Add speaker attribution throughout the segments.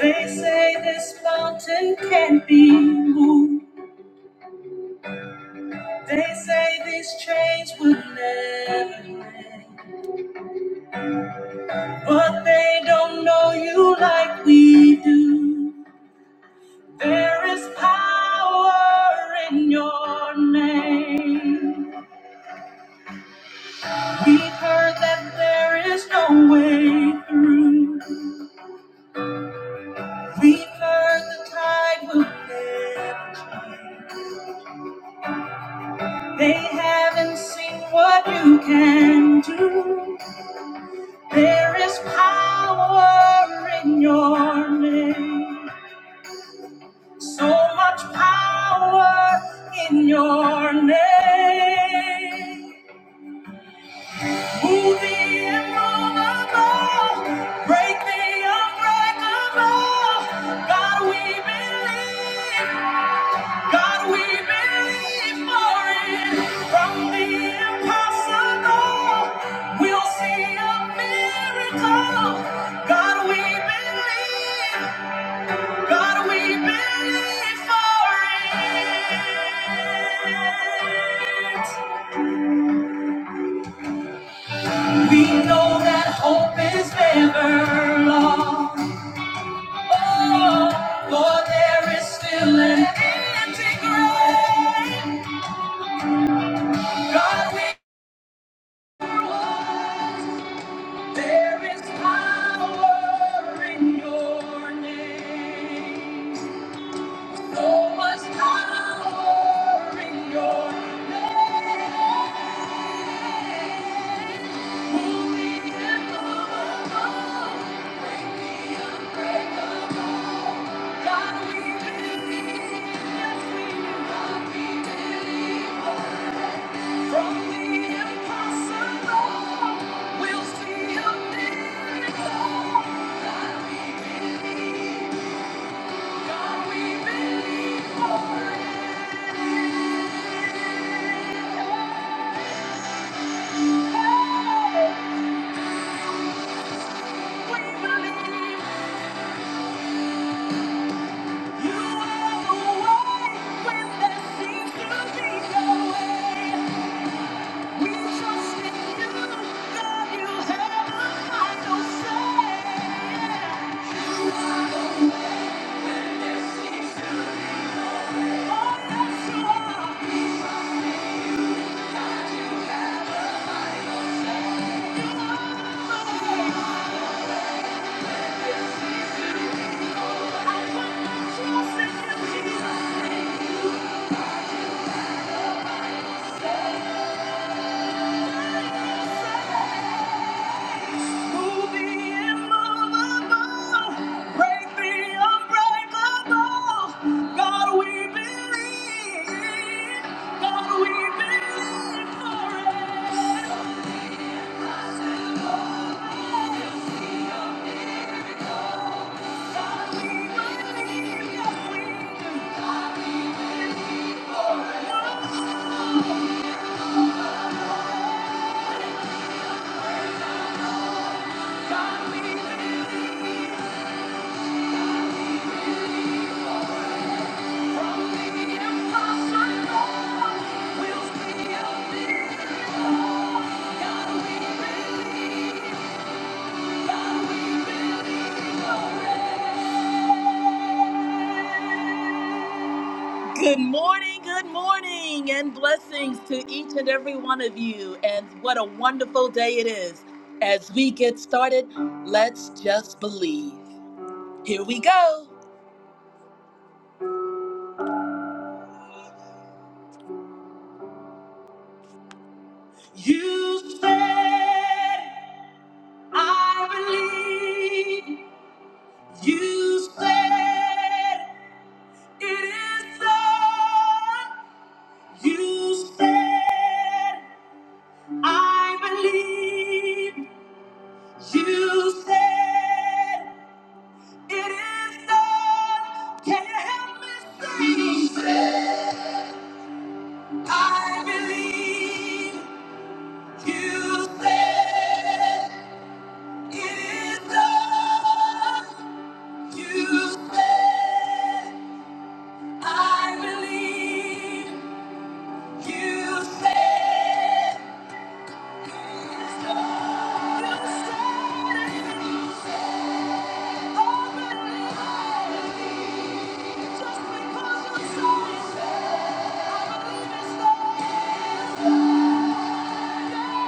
Speaker 1: They say this mountain can't be moved. They say these chains will never end. But they don't know you like we do. There is power in your name. We've heard that there is no way through. We've heard the tide will never change. They haven't seen what you can do. There is power in your name. So much power in your name. Move the immovable, break the unbreakable. God, we believe. God, we believe for it. From the impossible, we'll see a miracle. God, we believe. God, we believe for it. We know that hope is never lost. Oh, Lord, there is still an empty grave. God, we There is power in your name. So much power in your name. Holy and holy, break the unbreakable. God, we believe. Yes, we do. God, we believe. From the impossible, we'll see a miracle. God, we believe. God, we believe for it. Hey, we believe you are the way when there seems to be no way. We trust in you, God, you have the final say. You are the way when there seems to God, we believe. God, we believe for it. God, we believe. Yes, we do. Good morning, good morning, and blessings to each and every one of you. And what a wonderful day it is. As we get started, let's just believe. Here we go. You said, I believe. You said it is done. You said I believe. You said it is done. Can you help me say? You said I believe. You said it is done. You said I believe. You said, you started. you started, you said it. because you. started, doesn't mean it's not. And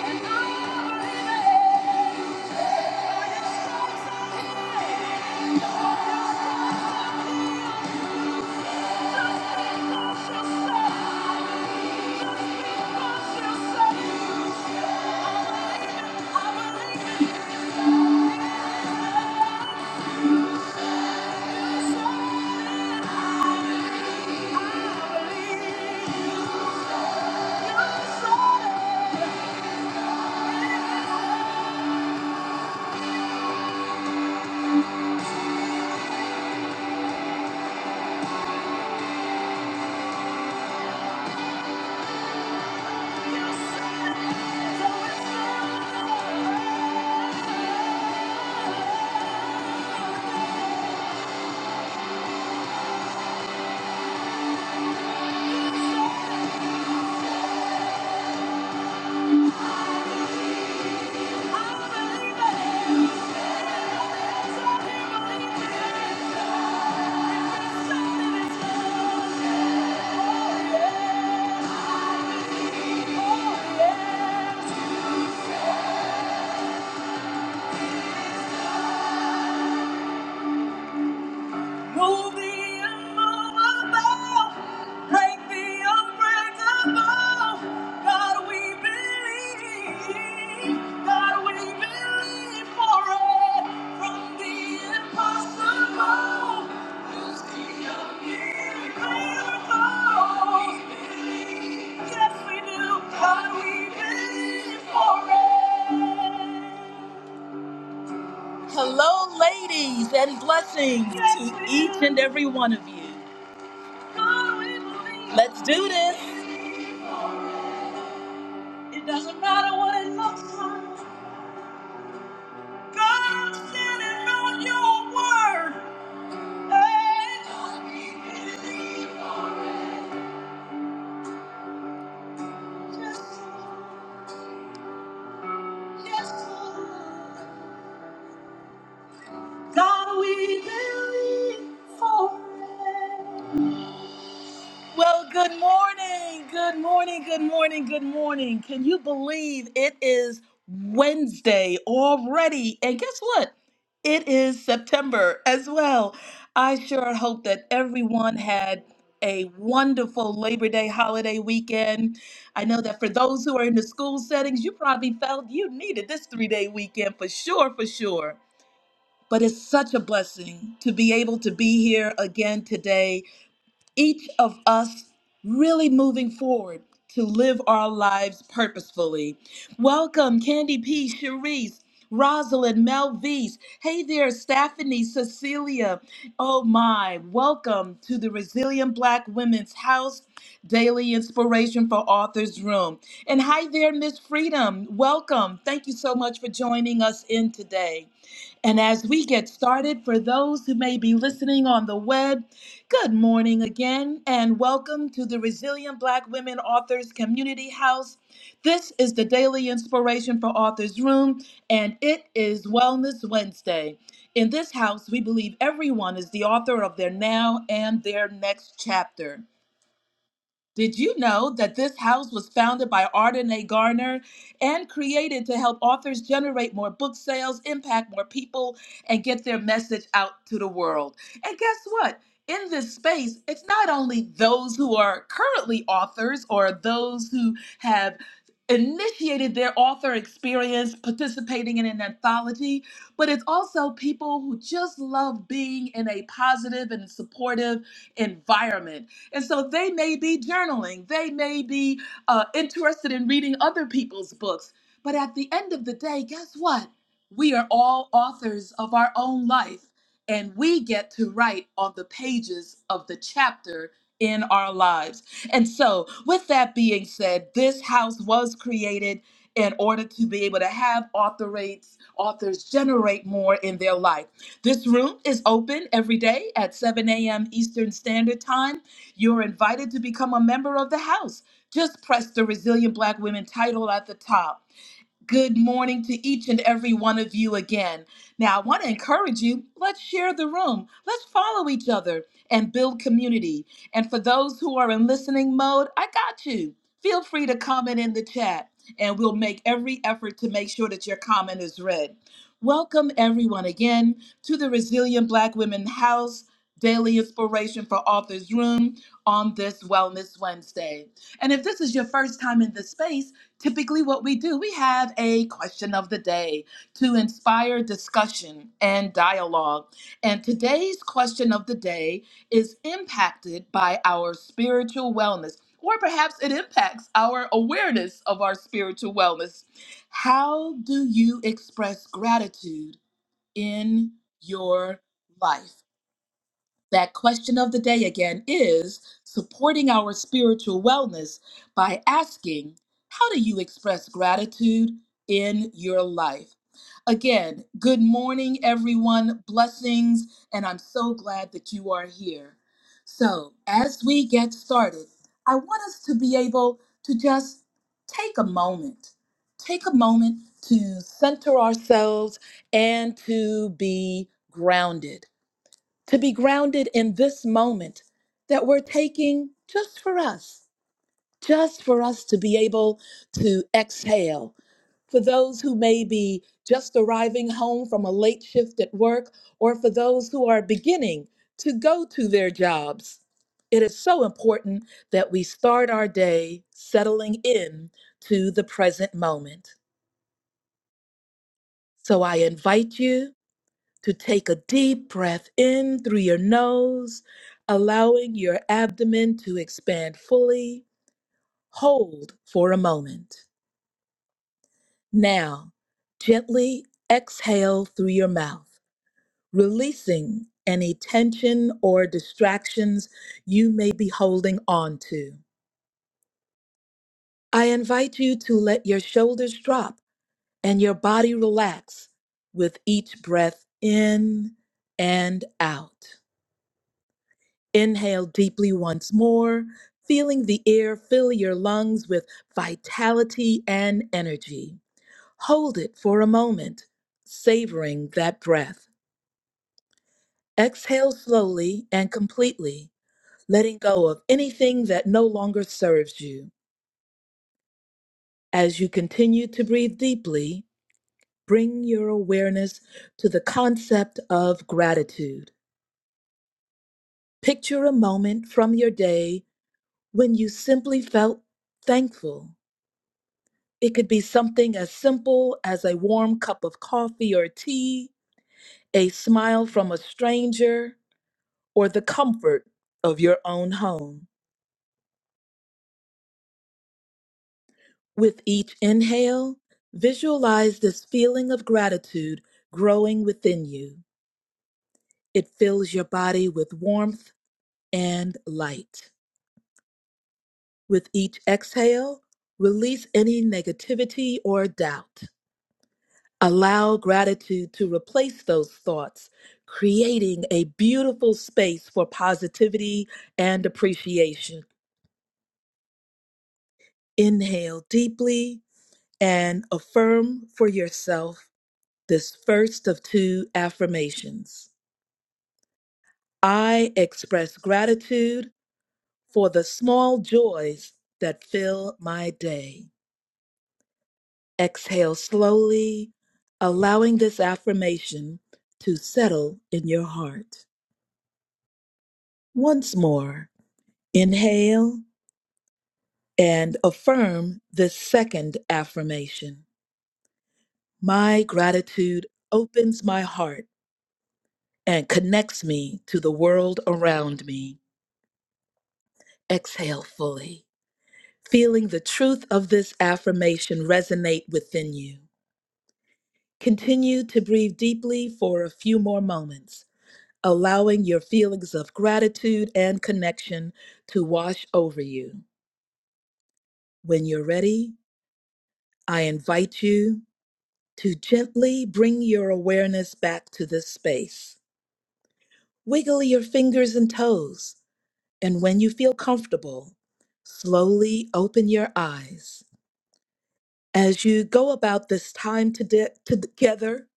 Speaker 1: I know your stripes are healed. Just because you started, just because you started. I believe I believe Just because you started. Oh, Yeah. Move the immovable, break the unbreakable. God, we believe. God, we believe for it. From the impossible, you see a miracle. Yes, we do. God, we believe for it. Hello, ladies, and blessings to Yes, each and every one of you. Let's do this. what it looks like. God standing on your word. God, we believe for it. Well, good morning. Good morning. Good morning. Good morning. Can you believe it is Wednesday already? And guess what? It is September as well. I sure hope that everyone had a wonderful Labor Day holiday weekend. I know that for those who are in the school settings, you probably felt you needed this three day weekend for sure, for sure. But it's such a blessing to be able to be here again today each of us really moving forward to live our lives purposefully. Welcome, Candy P, Cherise, Rosalind, Melvise. Hey there, Stephanie, Cecilia. Oh my, welcome to the Resilient Black Women's House Daily Inspiration for Authors Room. And hi there, Miss Freedom. Welcome. Thank you so much for joining us in today. And as we get started, for those who may be listening on the web, Good morning again, and welcome to the Resilient Black Women Authors Community House. This is the daily inspiration for Authors Room, and it is Wellness Wednesday. In this house, we believe everyone is the author of their now and their next chapter. Did you know that this house was founded by Arden A. Garner and created to help authors generate more book sales, impact more people, and get their message out to the world? And guess what? In this space, it's not only those who are currently authors or those who have initiated their author experience participating in an anthology, but it's also people who just love being in a positive and supportive environment and so they may be journaling, they may be uh, interested in reading other people's books. But at the end of the day, guess what? We are all authors of our own life, and we get to write on the pages of the chapter in our lives. And so, with that being said, this house was created in order to be able to have author rates, authors generate more in their life. This room is open every day at 7 a.m. Eastern Standard Time you're invited to become a member of the house. Just press the Resilient Black Women title at the top. Good morning to each and every one of you again. Now, I want to encourage you let's share the room, let's follow each other and build community. And for those who are in listening mode, I got you. Feel free to comment in the chat, and we'll make every effort to make sure that your comment is read. Welcome, everyone, again to the Resilient Black Women House Daily Inspiration for Authors Room on this Wellness Wednesday. And if this is your first time in the space, typically what we do we have a question of the day to inspire discussion and dialogue and today's question of the day is impacted by our spiritual wellness or perhaps it impacts our awareness of our spiritual wellness how do you express gratitude in your life that question of the day again is supporting our spiritual wellness by asking, How do you express gratitude in your life? Again, good morning, everyone. Blessings, and I'm so glad that you are here. So, as we get started, I want us to be able to just take a moment, take a moment to center ourselves and to be grounded to be grounded in this moment that we're taking just for us, just for us to be able to exhale. For those who may be just arriving home from a late shift at work, or for those who are beginning to go to their jobs, it is so important that we start our day settling in to the present moment. So I invite you to take a deep breath in through your nose, allowing your abdomen to expand fully. Hold for a moment. Now, gently exhale through your mouth, releasing any tension or distractions you may be holding on to. I invite you to let your shoulders drop and your body relax with each breath in and out. Inhale deeply once more, feeling the air fill your lungs with vitality and energy. Hold it for a moment, savoring that breath. Exhale slowly and completely, letting go of anything that no longer serves you. As you continue to breathe deeply, bring your awareness to the concept of gratitude. Picture a moment from your day when you simply felt thankful It could be something as simple as a warm cup of coffee or tea, a smile from a stranger, or the comfort of your own home. With each inhale, visualize this feeling of gratitude growing within you. It fills your body with warmth and light. With each exhale, release any negativity or doubt. Allow gratitude to replace those thoughts, creating a beautiful space for positivity and appreciation. Inhale deeply and affirm for yourself this first of two affirmations. I express gratitude for the small joys that fill my day. Exhale slowly, allowing this affirmation to settle in your heart. Once more. Inhale and affirm the second affirmation. My gratitude opens my heart and connects me to the world around me. Exhale fully, feeling the truth of this affirmation resonate within you. Continue to breathe deeply for a few more moments, allowing your feelings of gratitude and connection to wash over you. When you're ready, I invite you to gently bring your awareness back to this space. Wiggle your fingers and toes, and when you feel comfortable, slowly open your eyes. As you go about this time to de- to- together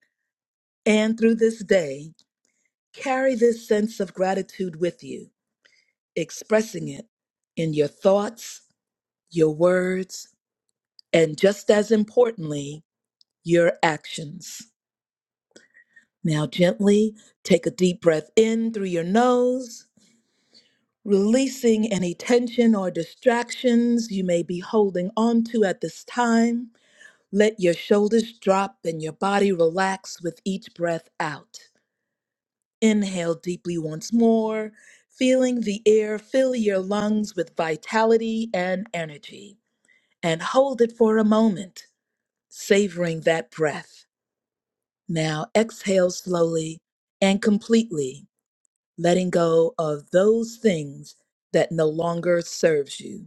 Speaker 1: and through this day, carry this sense of gratitude with you, expressing it in your thoughts, your words, and just as importantly, your actions. Now, gently take a deep breath in through your nose releasing any tension or distractions you may be holding on to at this time. Let your shoulders drop and your body relax with each breath out. Inhale deeply once more, feeling the air fill your lungs with vitality and energy. And hold it for a moment, savoring that breath. Now exhale slowly and completely, letting go of those things that no longer serves you.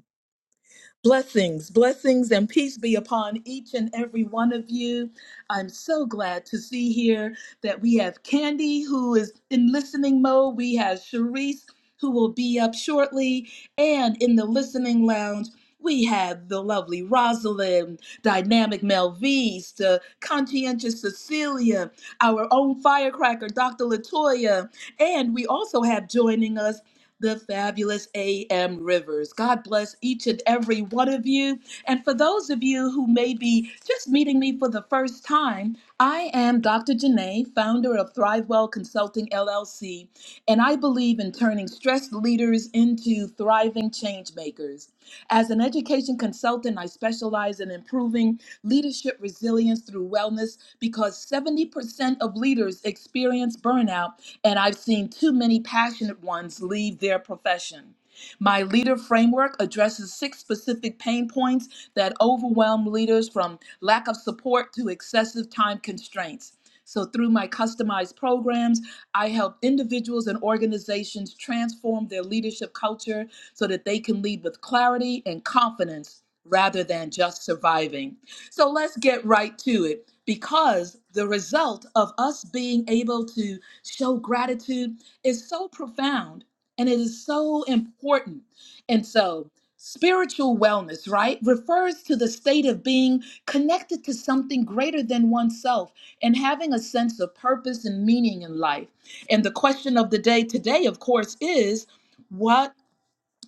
Speaker 1: Blessings, blessings, and peace be upon each and every one of you. I'm so glad to see here that we have Candy, who is in listening mode. We have Sharice, who will be up shortly. And in the listening lounge, we have the lovely Rosalind, dynamic Melvise, the conscientious Cecilia, our own firecracker, Dr. Latoya. And we also have joining us the fabulous A.M. Rivers. God bless each and every one of you. And for those of you who may be just meeting me for the first time, I am Dr. Janae, founder of ThriveWell Consulting LLC, and I believe in turning stressed leaders into thriving change makers. As an education consultant, I specialize in improving leadership resilience through wellness because 70% of leaders experience burnout and I've seen too many passionate ones leave their profession. My leader framework addresses six specific pain points that overwhelm leaders from lack of support to excessive time constraints. So, through my customized programs, I help individuals and organizations transform their leadership culture so that they can lead with clarity and confidence rather than just surviving. So, let's get right to it because the result of us being able to show gratitude is so profound and it is so important. And so, spiritual wellness, right, refers to the state of being connected to something greater than oneself and having a sense of purpose and meaning in life. And the question of the day today, of course, is. What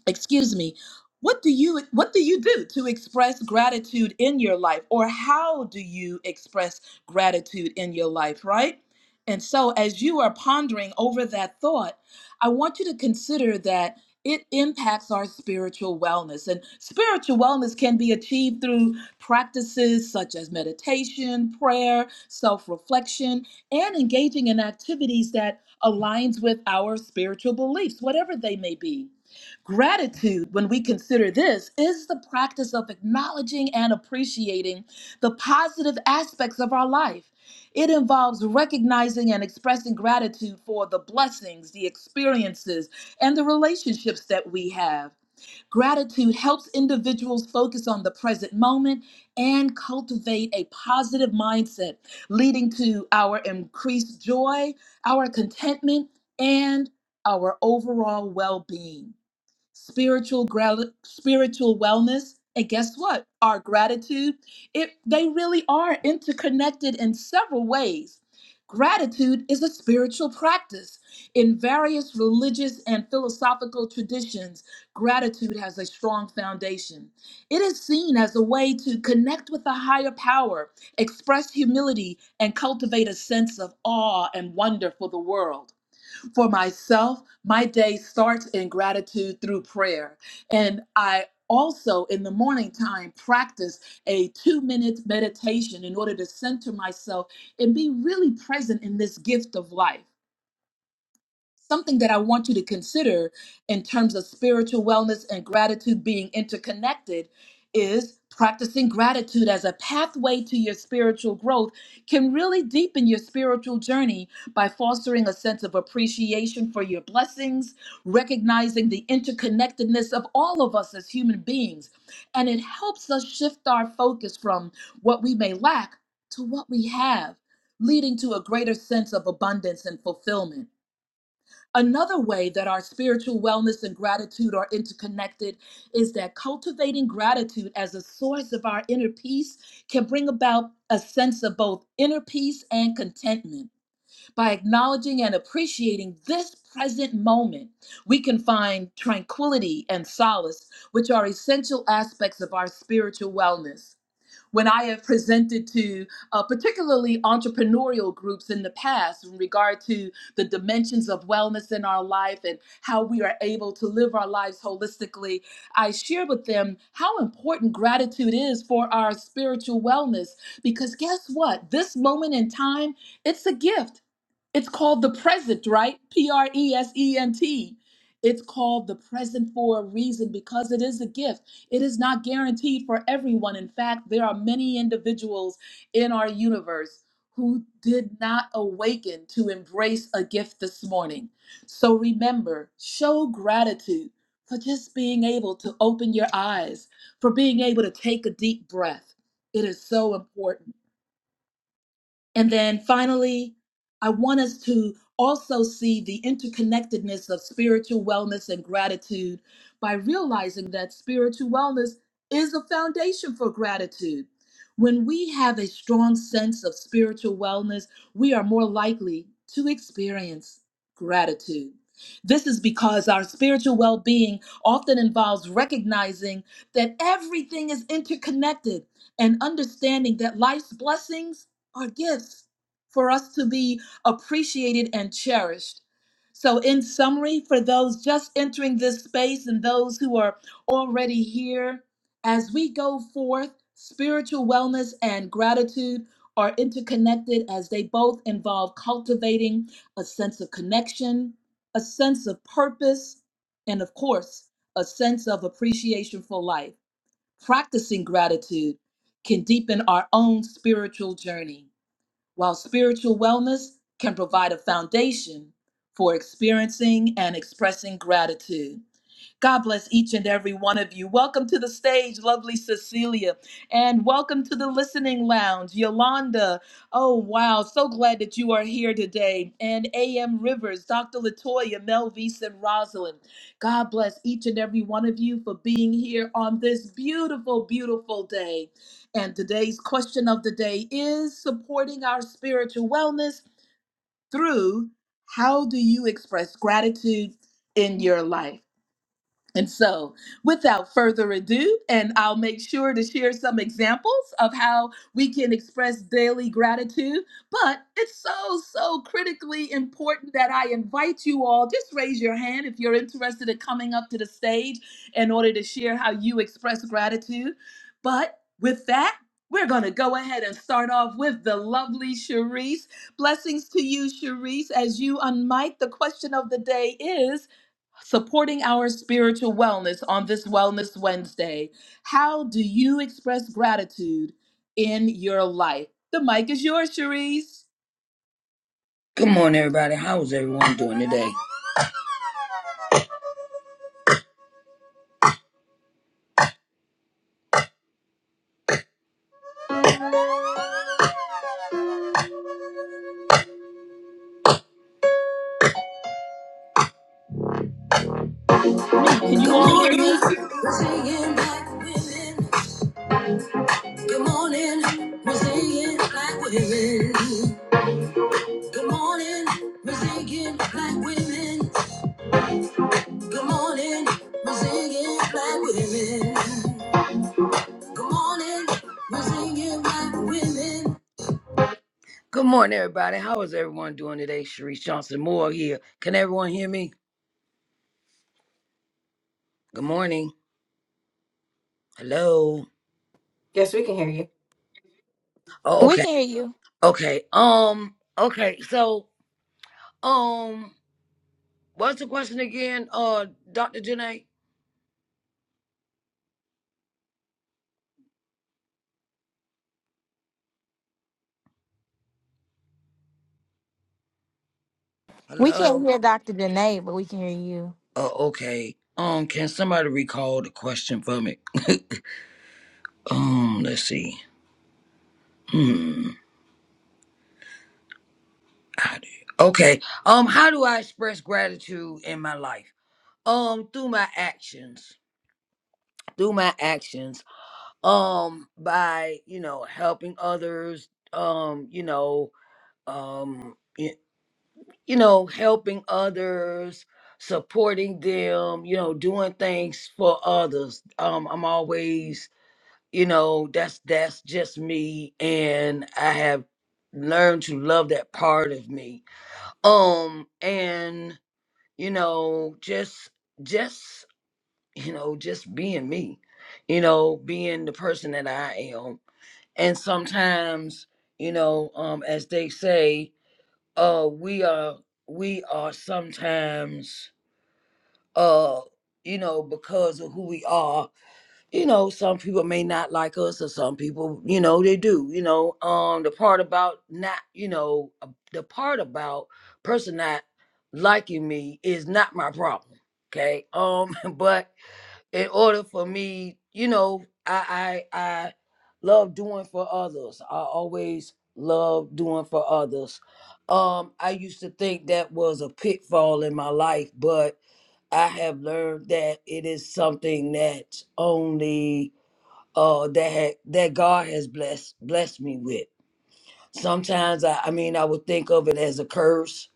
Speaker 1: excuse me what do you what do you do to express gratitude in your life or how do you express gratitude in your life right and so as you are pondering over that thought i want you to consider that it impacts our spiritual wellness and spiritual wellness can be achieved through practices such as meditation prayer self-reflection and engaging in activities that aligns with our spiritual beliefs whatever they may be Gratitude, when we consider this, is the practice of acknowledging and appreciating the positive aspects of our life. It involves recognizing and expressing gratitude for the blessings, the experiences, and the relationships that we have. Gratitude helps individuals focus on the present moment and cultivate a positive mindset, leading to our increased joy, our contentment, and our overall well being spiritual gra- spiritual wellness and guess what our gratitude it they really are interconnected in several ways gratitude is a spiritual practice in various religious and philosophical traditions gratitude has a strong foundation it is seen as a way to connect with a higher power express humility and cultivate a sense of awe and wonder for the world for myself, my day starts in gratitude through prayer. And I also in the morning time practice a 2 minute meditation in order to center myself and be really present in this gift of life something that I want you to consider in terms of spiritual wellness and gratitude being interconnected is practicing gratitude as a pathway to your spiritual growth can really deepen your spiritual journey by fostering a sense of appreciation for your blessings, recognizing the interconnectedness of all of us as human beings. And it helps us shift our focus from what we may lack to what we have, leading to a greater sense of abundance and fulfillment. Another way that our spiritual wellness and gratitude are interconnected is that cultivating gratitude as a source of our inner peace can bring about a sense of both inner peace and contentment. By acknowledging and appreciating this present moment, we can find tranquility and solace, which are essential aspects of our spiritual wellness when I have presented to uh, particularly entrepreneurial groups in the past in regard to the dimensions of wellness in our life and how we are able to live our lives holistically, I share with them how important gratitude is for our spiritual wellness. Because guess what? This moment in time, it's a gift. It's called the present, right? P R E S E N T. It's called the present for a reason because it is a gift. It is not guaranteed for everyone. In fact, there are many individuals in our universe who did not awaken to embrace a gift this morning. So remember, show gratitude for just being able to open your eyes, for being able to take a deep breath. It is so important. And then finally, I want us to also see the interconnectedness of spiritual wellness and gratitude by realizing that spiritual wellness is a foundation for gratitude. When we have a strong sense of spiritual wellness, we are more likely to experience gratitude. This is because our spiritual well being often involves recognizing that everything is interconnected and understanding that life's blessings are gifts for us to be appreciated and cherished. So, in summary, for those just entering this space and those who are already here, as we go forth, spiritual wellness and gratitude are interconnected as they both involve cultivating a sense of connection, a sense of purpose, and of course, a sense of appreciation for life. Practicing gratitude can deepen our own spiritual journey. While spiritual wellness can provide a foundation for experiencing and expressing gratitude, God bless each and every one of you. Welcome to the stage, lovely Cecilia, and welcome to the listening lounge, Yolanda. Oh, wow. So glad that you are here today. And AM Rivers, Dr. Latoya, Melvise, and Rosalind. God bless each and every one of you for being here on this beautiful, beautiful day. And today's question of the day is supporting our spiritual wellness through how do you express gratitude in your life? And so, without further ado, and I'll make sure to share some examples of how we can express daily gratitude. But it's so, so critically important that I invite you all, just raise your hand if you're interested in coming up to the stage in order to share how you express gratitude. But with that, we're going to go ahead and start off with the lovely Cherise. Blessings to you, Cherise. As you unmic, the question of the day is supporting our spiritual wellness on this Wellness Wednesday. How do you express gratitude in your life? The mic is yours, Cherise.
Speaker 2: Good morning, everybody. How is everyone doing today?
Speaker 1: Me, can you all hear me?
Speaker 2: We're singing black women. Good morning. We're singing black women. Good morning. We're singing black women. Good morning. We're singing black women. Good morning. We're singing black women. Good morning, everybody. How is everyone doing today? Sharice Johnson Moore here. Can everyone hear me? Good morning. Hello.
Speaker 3: Yes, we can hear you.
Speaker 2: Oh,
Speaker 4: We
Speaker 2: Okay.
Speaker 4: can hear you.
Speaker 2: Okay. Um. Okay. So. Um. What's the question again? Uh, Doctor Janae.
Speaker 4: We can't
Speaker 2: Hello.
Speaker 4: hear Dr. Danae, but we can hear you.
Speaker 2: Oh. Okay. Um. Can somebody recall the question for me? um. Let's see. Hmm. I do. Okay. Um. How do I express gratitude in my life? Um. Through my actions. Through my actions. Um. By you know helping others. Um. You know. Um. you know, helping others, supporting them, you know, doing things for others. Um, I'm always, you know, that's that's just me, and I have learned to love that part of me. Um, and you know, just just you know, just being me, you know, being the person that I am, and sometimes, you know, um, as they say uh we are we are sometimes uh you know because of who we are you know some people may not like us or some people you know they do you know um the part about not you know uh, the part about person not liking me is not my problem okay um but in order for me you know i i love doing for others. I always love doing for others. Um, I used to think that was a pitfall in my life, but I have learned that it is something that only uh that had, that God has blessed blessed me with. Sometimes I, I mean I would think of it as a curse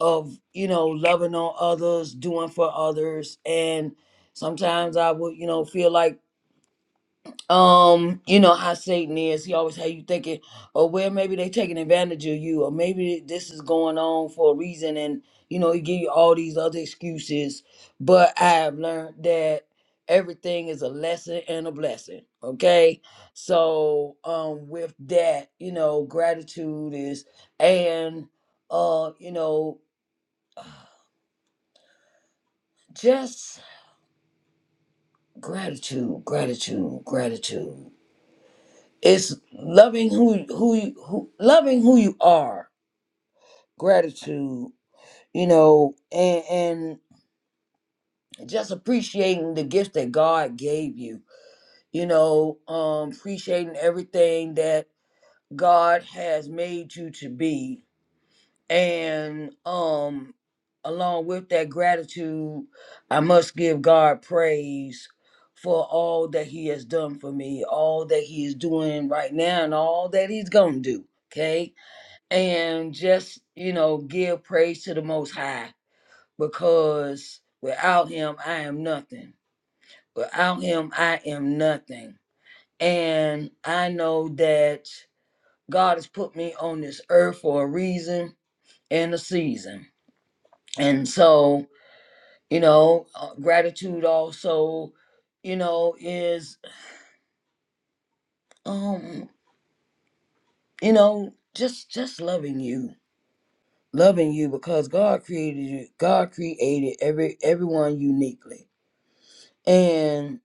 Speaker 2: of you know loving on others, doing for others, and sometimes I would you know feel like um, you know how Satan is. He always had you thinking, oh well, maybe they taking advantage of you, or maybe this is going on for a reason, and you know he give you all these other excuses. But I have learned that everything is a lesson and a blessing. Okay, so um, with that, you know, gratitude is, and uh, you know, just gratitude, gratitude, gratitude. it's loving who who you who loving who you are gratitude you know and and just appreciating the gifts that god gave you you know um appreciating everything that god has made you to be and um along with that gratitude i must give god praise for all that he has done for me all that he is doing right now and all that he's gonna do okay and just you know give praise to the most high because without him i am nothing without him i am nothing and i know that god has put me on this earth for a reason and a season and so you know uh, gratitude also you know is um you know just just loving you loving you because god created you god created every everyone uniquely and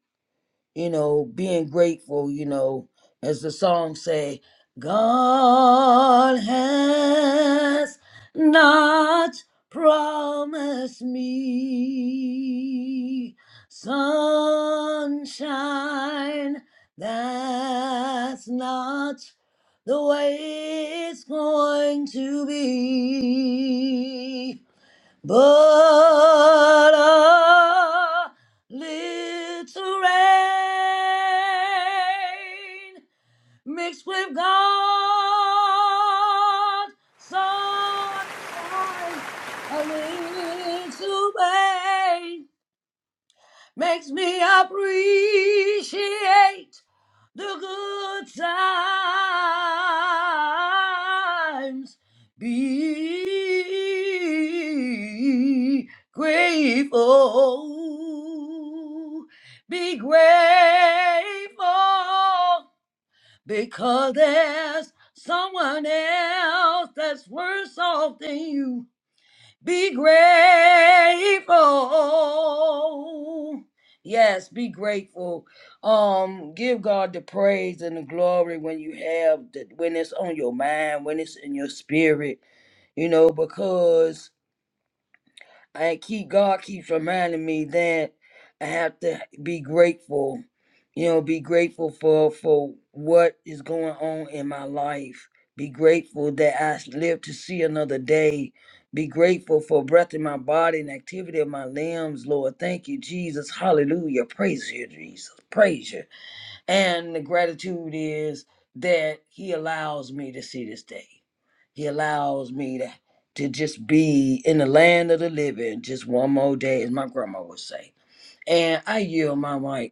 Speaker 2: you know being grateful you know as the song say god has not promised me sunshine that's not the way it's going to be but a little rain mixed with God's sunshine, a little rain makes me appreciate the good times. Be grateful. Be grateful because there's someone else that's worse off than you. Be grateful. Yes, be grateful. Um, give God the praise and the glory when you have that when it's on your mind, when it's in your spirit, you know, because. I keep God keeps reminding me that I have to be grateful. You know, be grateful for for what is going on in my life. Be grateful that I live to see another day. Be grateful for breath in my body and activity of my limbs, Lord. Thank you, Jesus. Hallelujah. Praise you, Jesus. Praise you. And the gratitude is that he allows me to see this day. He allows me to, to just be in the land of the living just one more day, as my grandma would say. And I yield my mic.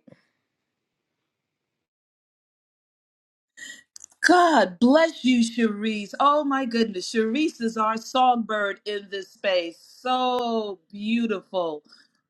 Speaker 1: God bless you, Cherise. Oh my goodness. Cherise is our songbird in this space. So beautiful.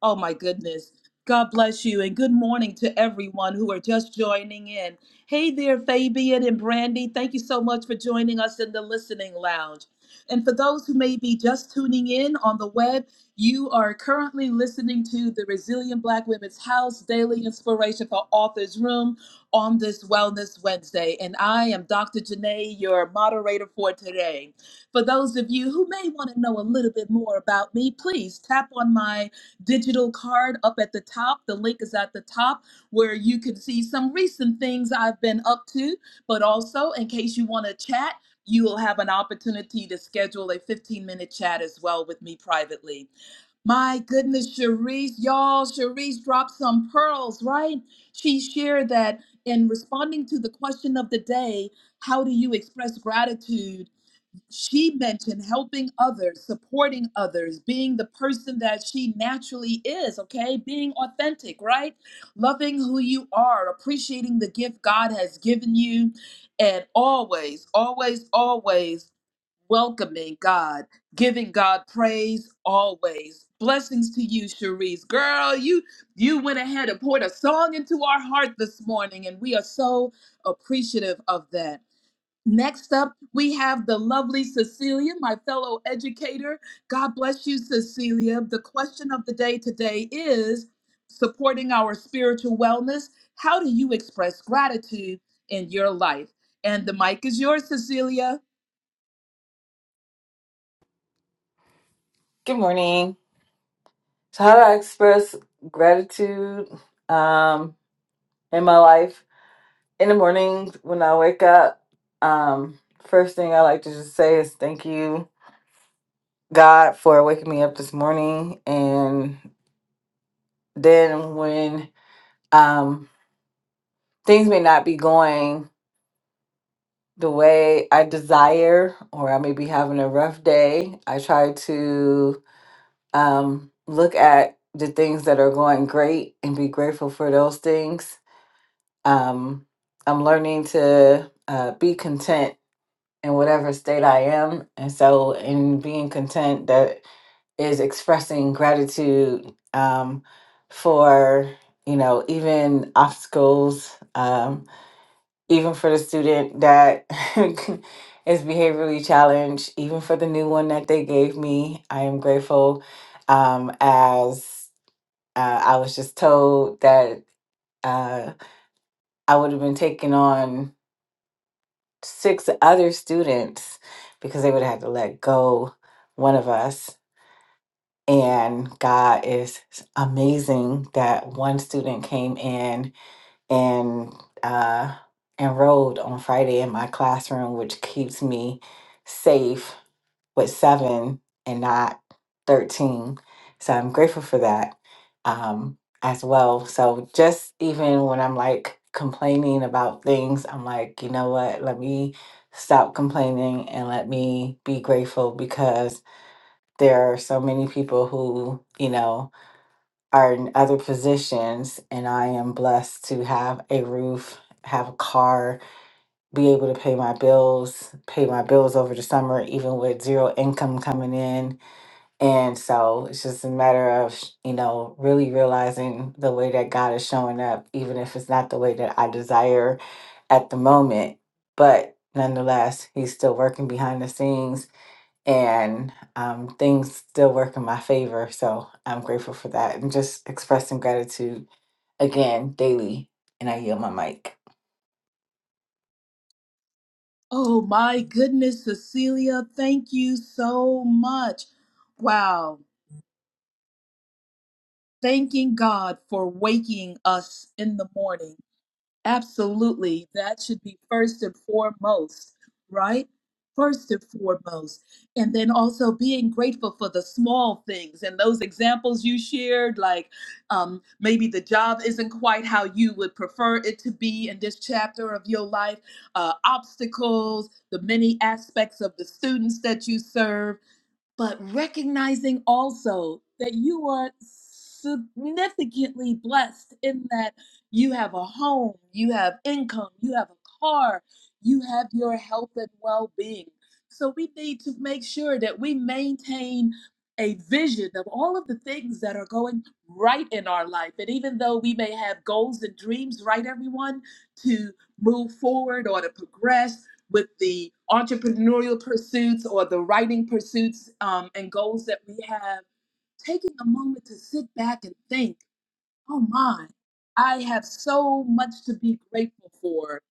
Speaker 1: Oh my goodness. God bless you and good morning to everyone who are just joining in. Hey there, Fabian and Brandy. Thank you so much for joining us in the listening lounge. And for those who may be just tuning in on the web, you are currently listening to the Resilient Black Women's House Daily Inspiration for Authors Room on this Wellness Wednesday. And I am Dr. Janae, your moderator for today. For those of you who may want to know a little bit more about me, please tap on my digital card up at the top. The link is at the top where you can see some recent things I've been up to, but also in case you want to chat, you will have an opportunity to schedule a 15 minute chat as well with me privately. My goodness, Sharice, y'all, Sharice dropped some pearls, right? She shared that in responding to the question of the day, how do you express gratitude? She mentioned helping others, supporting others, being the person that she naturally is, okay? Being authentic, right? Loving who you are, appreciating the gift God has given you, and always, always, always welcoming God, giving God praise always. Blessings to you, Cherise. Girl, you you went ahead and poured a song into our heart this morning, and we are so appreciative of that. Next up, we have the lovely Cecilia, my fellow educator. God bless you, Cecilia. The question of the day today is supporting our spiritual wellness. How do you express gratitude in your life? And the mic is yours, Cecilia.
Speaker 3: Good morning. So, how do I express gratitude um, in my life? In the morning, when I wake up, um, first thing I like to just say is thank you, God, for waking me up this morning. And then, when um, things may not be going the way I desire, or I may be having a rough day, I try to um, look at the things that are going great and be grateful for those things um, I'm learning to uh, be content in whatever state I am. And so, in being content, that is expressing gratitude um, for, you know, even obstacles, um, even for the student that is behaviorally challenged, even for the new one that they gave me. I am grateful um, as uh, I was just told that. Uh, I would have been taking on. six other students because they would have to let go one of us. And God is amazing that one student came in and uh, enrolled on Friday in my classroom, which keeps me safe with seven and not 13. So I'm grateful for that um, as well. So just even when I'm like complaining about things, I'm like, you know what? Let me stop complaining and let me be grateful because there are so many people who, you know, are in other positions and I am blessed to have a roof, have a car, be able to pay my bills, pay my bills over the summer, even with zero income coming in and so it's just a matter of, you know, really realizing the way that God is showing up, even if it's not the way that I desire at the moment. But nonetheless, He's still working behind the scenes and um, things still work in my favor. So I'm grateful for that and just expressing gratitude again daily. And I yield my mic.
Speaker 1: Oh my goodness, Cecilia, thank you so much. Wow. Thanking God for waking us in the morning. Absolutely. That should be first and foremost, right? First and foremost. And then also being grateful for the small things and those examples you shared, like um, maybe the job isn't quite how you would prefer it to be in this chapter of your life, uh, obstacles, the many aspects of the students that you serve but recognizing also that you are significantly blessed in that you have a home, you have income, you have a car, you have your health and well being. So we need to make sure that we maintain a vision of all of the things that are going right in our life. And even though we may have goals and dreams, right, everyone, to move forward or to progress with the entrepreneurial pursuits or the writing pursuits um, and goals that we have, taking a moment to sit back and think, oh my, I have so much to be grateful for.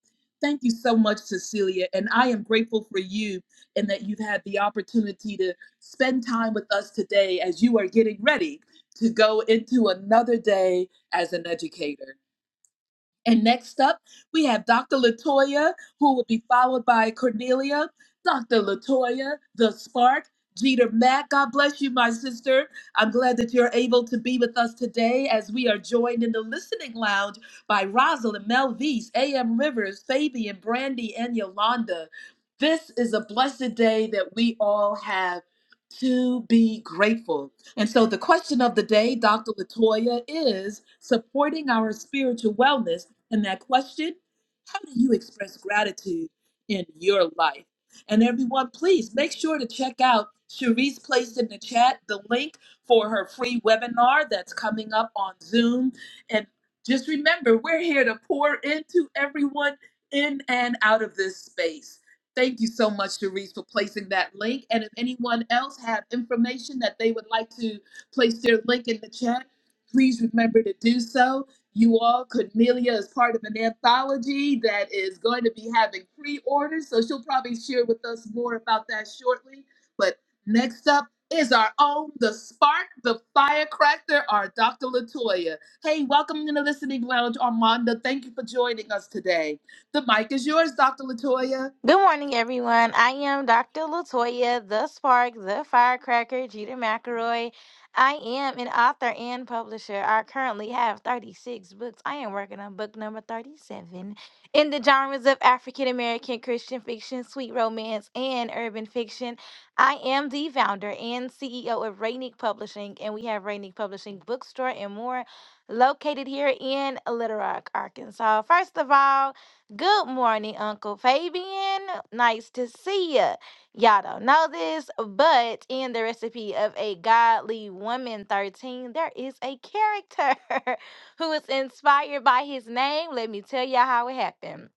Speaker 1: Thank you so much, Cecilia. And I am grateful for you and that you've had the opportunity to spend time with us today as you are getting ready to go into another day as an educator. And next up, we have Dr. Latoya, who will be followed by Cornelia. Dr. Latoya, the spark. Jeter Mack, God bless you, my sister. I'm glad that you're able to be with us today as we are joined in the listening lounge by Rosalind Melvise, A.M. Rivers, Fabian, Brandy, and Yolanda. This is a blessed day that we all have to be grateful. And so the question of the day, Dr. Latoya, is supporting our spiritual wellness and that question, how do you express gratitude in your life? And everyone, please make sure to check out Cherise placed in the chat the link for her free webinar that's coming up on Zoom. And just remember, we're here to pour into everyone in and out of this space. Thank you so much, Cherise, for placing that link. And if anyone else have information that they would like to place their link in the chat, please remember to do so. You all, Cornelia is part of an anthology that is going to be having pre orders, so she'll probably share with us more about that shortly. But next up is our own, the spark, the firecracker, our Dr. Latoya. Hey, welcome to the listening lounge, Armanda. Thank you for joining us today. The mic is yours, Dr. Latoya.
Speaker 4: Good morning, everyone. I am Dr. Latoya, the Spark, the Firecracker, Jeter McElroy. I am an author and publisher. I currently have 36 books. I am working on book number 37 in the genres of African American Christian fiction, sweet romance, and urban fiction. I am the founder and CEO of Rainick Publishing, and we have Rainick Publishing Bookstore and more located here in Little Rock, Arkansas. First of all, Good morning, Uncle Fabian. Nice to see ya. Y'all don't know this, but in the recipe of a godly woman 13, there is a character who is inspired by his name. Let me tell y'all how it happened.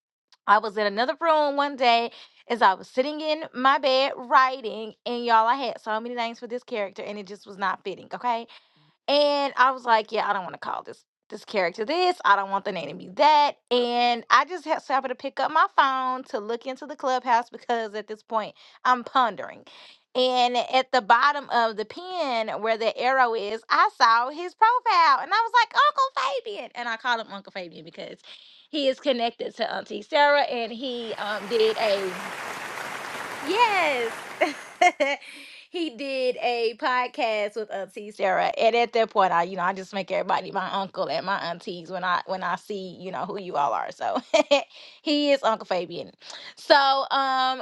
Speaker 4: I was in another room one day as I was sitting in my bed writing, and y'all, I had so many names for this character, and it just was not fitting, okay? And I was like, yeah, I don't want to call this this character this. I don't want the name to be that. And I just ha- so happened to pick up my phone to look into the clubhouse because at this point I'm pondering. And at the bottom of the pen where the arrow is, I saw his profile and I was like, Uncle Fabian. And I call him Uncle Fabian because he is connected to Auntie Sarah and he um, did a Yes. he did a podcast with Auntie Sarah. And at that point I, you know, I just make everybody my uncle and my aunties when I when I see, you know, who you all are. So he is Uncle Fabian. So um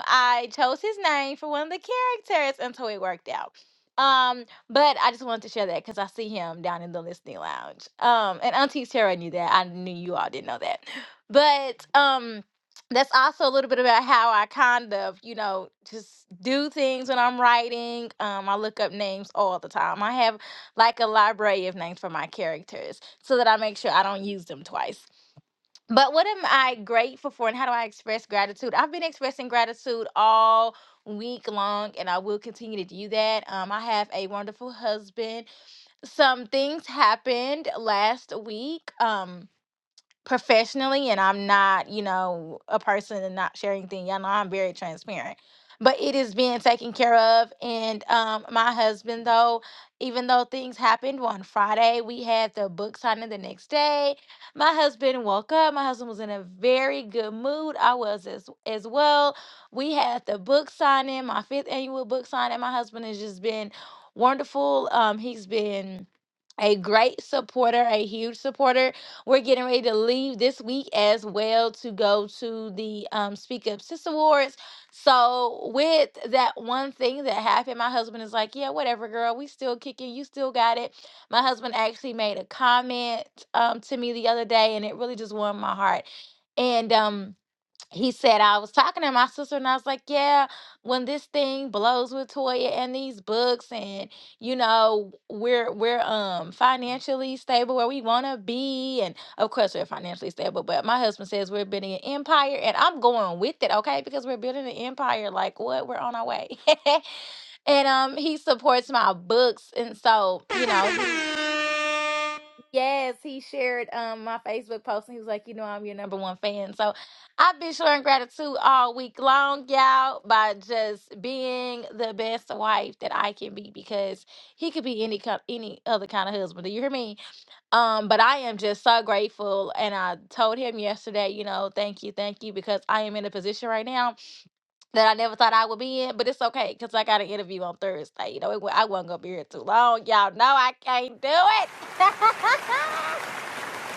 Speaker 4: I chose his name for one of the characters until it worked out. Um, but I just wanted to share that because I see him down in the listening lounge. Um, and Auntie Sarah knew that. I knew you all didn't know that. But um that's also a little bit about how I kind of, you know, just do things when I'm writing. Um, I look up names all the time. I have like a library of names for my characters so that I make sure I don't use them twice. But what am I grateful for and how do I express gratitude? I've been expressing gratitude all week long and I will continue to do that. Um, I have a wonderful husband. Some things happened last week. Um, professionally and I'm not, you know, a person and not sharing things. Y'all know I'm very transparent. But it is being taken care of. And um my husband though, even though things happened on Friday, we had the book signing the next day. My husband woke up. My husband was in a very good mood. I was as as well. We had the book signing, my fifth annual book signing. My husband has just been wonderful. Um he's been a great supporter, a huge supporter. We're getting ready to leave this week as well to go to the um, Speak Up Sis Awards. So with that one thing that happened, my husband is like, "Yeah, whatever, girl. We still kicking. You still got it." My husband actually made a comment um, to me the other day, and it really just warmed my heart. And um, he said I was talking to my sister and I was like, yeah, when this thing blows with Toya and these books and you know we're we're um financially stable where we want to be and of course we're financially stable, but my husband says we're building an empire and I'm going with it, okay? Because we're building an empire like what? We're on our way. and um he supports my books and so, you know, he Yes, he shared um my Facebook post and he was like, you know, I'm your number one fan. So I've been showing gratitude all week long, y'all, by just being the best wife that I can be because he could be any co- any other kind of husband. Do you hear me? Um, but I am just so grateful and I told him yesterday, you know, thank you, thank you, because I am in a position right now that I never thought I would be in, but it's okay because I got an interview on Thursday. You know, it, wa- I wasn't gonna be here too long. Y'all know I can't do it.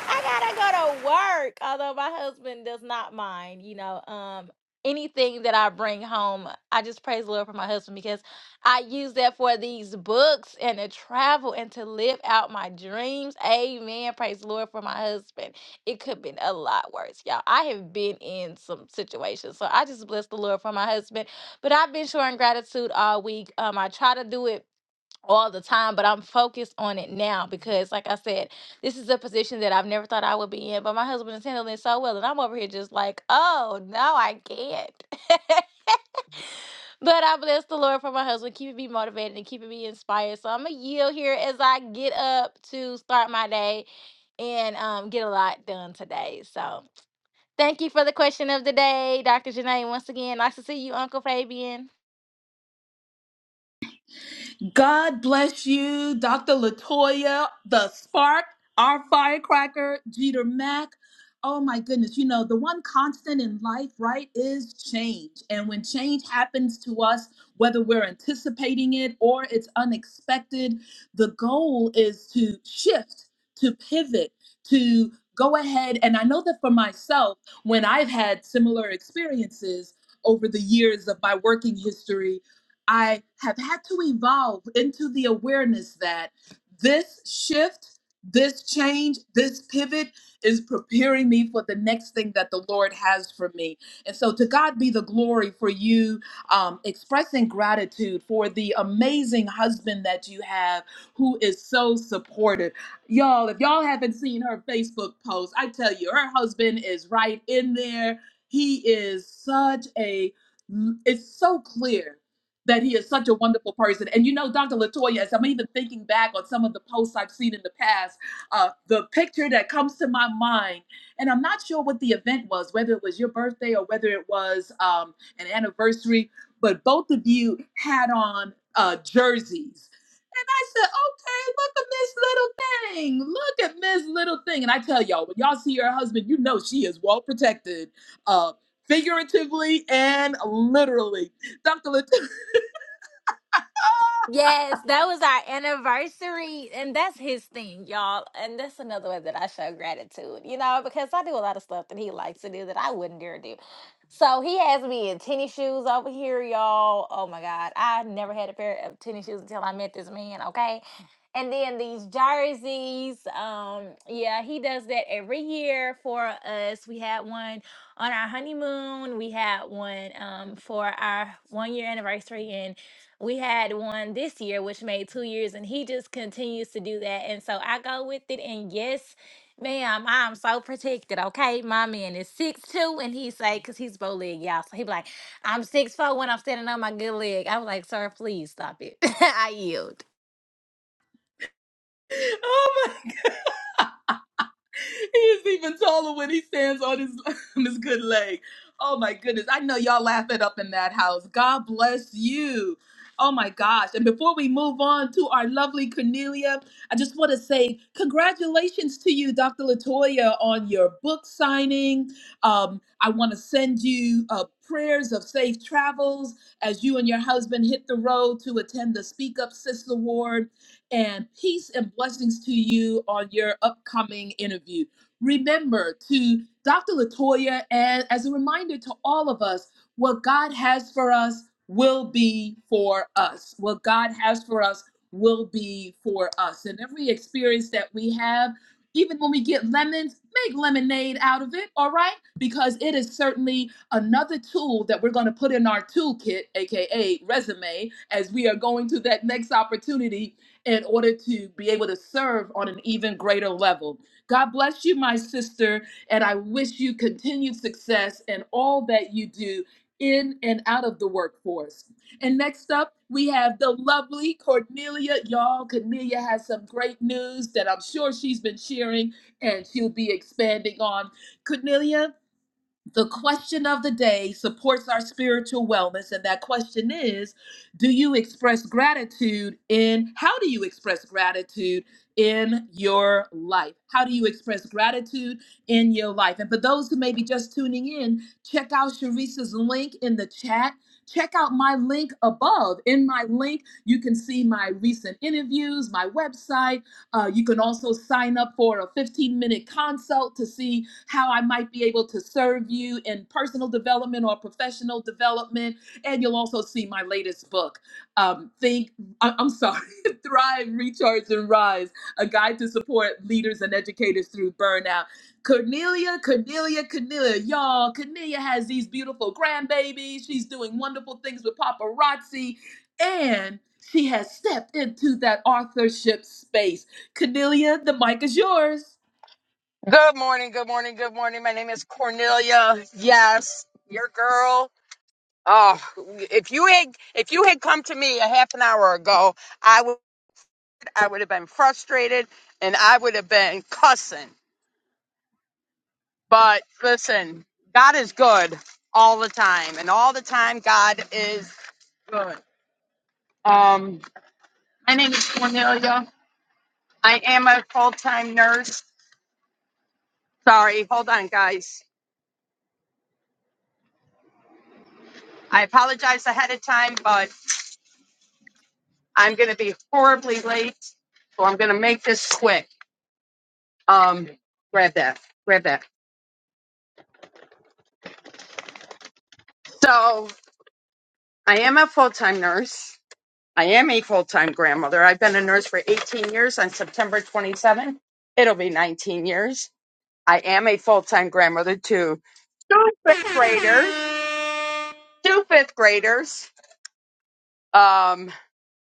Speaker 4: I gotta go to work. Although my husband does not mind, you know, um, anything that I bring home, I just praise the Lord for my husband because I use that for these books and to travel and to live out my dreams. Amen. Praise the Lord for my husband. It could have been a lot worse, y'all. I have been in some situations, so I just bless the Lord for my husband. But I've been showing gratitude all week. Um, I try to do it all the time, but I'm focused on it now because, like I said, this is a position that I've never thought I would be in, but my husband is handling it so well, and I'm over here just like, oh, no, I can't. but I bless the Lord for my husband, keeping me motivated and keeping me inspired. So I'm going to yield here as I get up to start my day and um, get a lot done today. So thank you for the question of the day, Dr. Janae. Once again, nice to see you, Uncle Fabian.
Speaker 1: God bless you, Dr. Latoya, the spark, our firecracker, Jeter Mack. Oh my goodness. You know, the one constant in life, right, is change. And when change happens to us, whether we're anticipating it or it's unexpected, the goal is to shift, to pivot, to go ahead. And I know that for myself, when I've had similar experiences over the years of my working history, I have had to evolve into the awareness that this shift, this change, this pivot is preparing me for the next thing that the Lord has for me. And so, to God be the glory for you um, expressing gratitude for the amazing husband that you have who is so supportive. Y'all, if y'all haven't seen her Facebook post, I tell you, her husband is right in there. He is such a, it's so clear that he is such a wonderful person. And you know, Dr. Latoya, as I'm even thinking back on some of the posts I've seen in the past, uh, the picture that comes to my mind, and I'm not sure what the event was, whether it was your birthday or whether it was um, an anniversary, but both of you had on uh, jerseys. And I said, okay, look at Miss Little Thing. Look at Miss Little Thing. And I tell y'all, when y'all see her husband, you know she is well protected, uh, figuratively and literally. Dr. Latoya.
Speaker 4: Yes, that was our anniversary, and that's his thing, y'all. And that's another way that I show gratitude, you know, because I do a lot of stuff that he likes to do that I wouldn't dare do. So he has me in tennis shoes over here, y'all. Oh my God, I never had a pair of tennis shoes until I met this man, okay? And then these jerseys, um, yeah, he does that every year for us. We had one on our honeymoon. We had one um, for our one year anniversary, and. We had one this year, which made two years, and he just continues to do that. And so I go with it. And yes, ma'am, I'm so protected. Okay, my man is six two, and he say because he's bow leg, y'all. So he be like, I'm six four when I'm standing on my good leg. I was like, sir, please stop it. I yield.
Speaker 1: Oh, my- he is even taller when he stands on his on his good leg. Oh my goodness. I know y'all laugh it up in that house. God bless you. Oh my gosh. And before we move on to our lovely Cornelia, I just want to say congratulations to you, Dr. Latoya, on your book signing. Um, I want to send you uh, prayers of safe travels as you and your husband hit the road to attend the Speak Up Sis Award and peace and blessings to you on your upcoming interview. Remember to Dr. Latoya, and as a reminder to all of us, what God has for us will be for us. What God has for us will be for us. And every experience that we have, even when we get lemons, make lemonade out of it, all right? Because it is certainly another tool that we're going to put in our toolkit, aka resume, as we are going to that next opportunity in order to be able to serve on an even greater level. God bless you, my sister, and I wish you continued success in all that you do in and out of the workforce. And next up, we have the lovely Cornelia. Y'all, Cornelia has some great news that I'm sure she's been sharing and she'll be expanding on. Cornelia, the question of the day supports our spiritual wellness, and that question is Do you express gratitude in how do you express gratitude in your life? How do you express gratitude in your life? And for those who may be just tuning in, check out Sharice's link in the chat. Check out my link above. In my link, you can see my recent interviews, my website uh, you can also sign up for a 15 minute consult to see how I might be able to serve you in personal development or professional development. And you'll also see my latest book, um, Think, I- I'm sorry, Thrive, Recharge, and Rise A Guide to Support Leaders and Educators Through Burnout. Cornelia, Cornelia, Cornelia, y'all, Cornelia has these beautiful grandbabies. She's doing wonderful things with paparazzi. And she has stepped into that authorship space Cornelia, the mic is yours.
Speaker 5: Good morning, good morning, good morning. My name is Cornelia. Yes, your girl. Oh, if you had if you had come to me a half an hour ago, I would I would have been frustrated and I would have been cussing. But listen, God is good all the time, and all the time God is good. Um, my name is Cornelia. I am a full time nurse. Sorry, hold on, guys. I apologize ahead of time, but I'm going to be horribly late, so I'm going to make this quick. Um, grab that, grab that. So I am a full time nurse. I am a full time grandmother. I've been a nurse for 18 years. On September 27th, it'll be 19 years. I am a full time grandmother to two fifth grade, two fifth graders, um,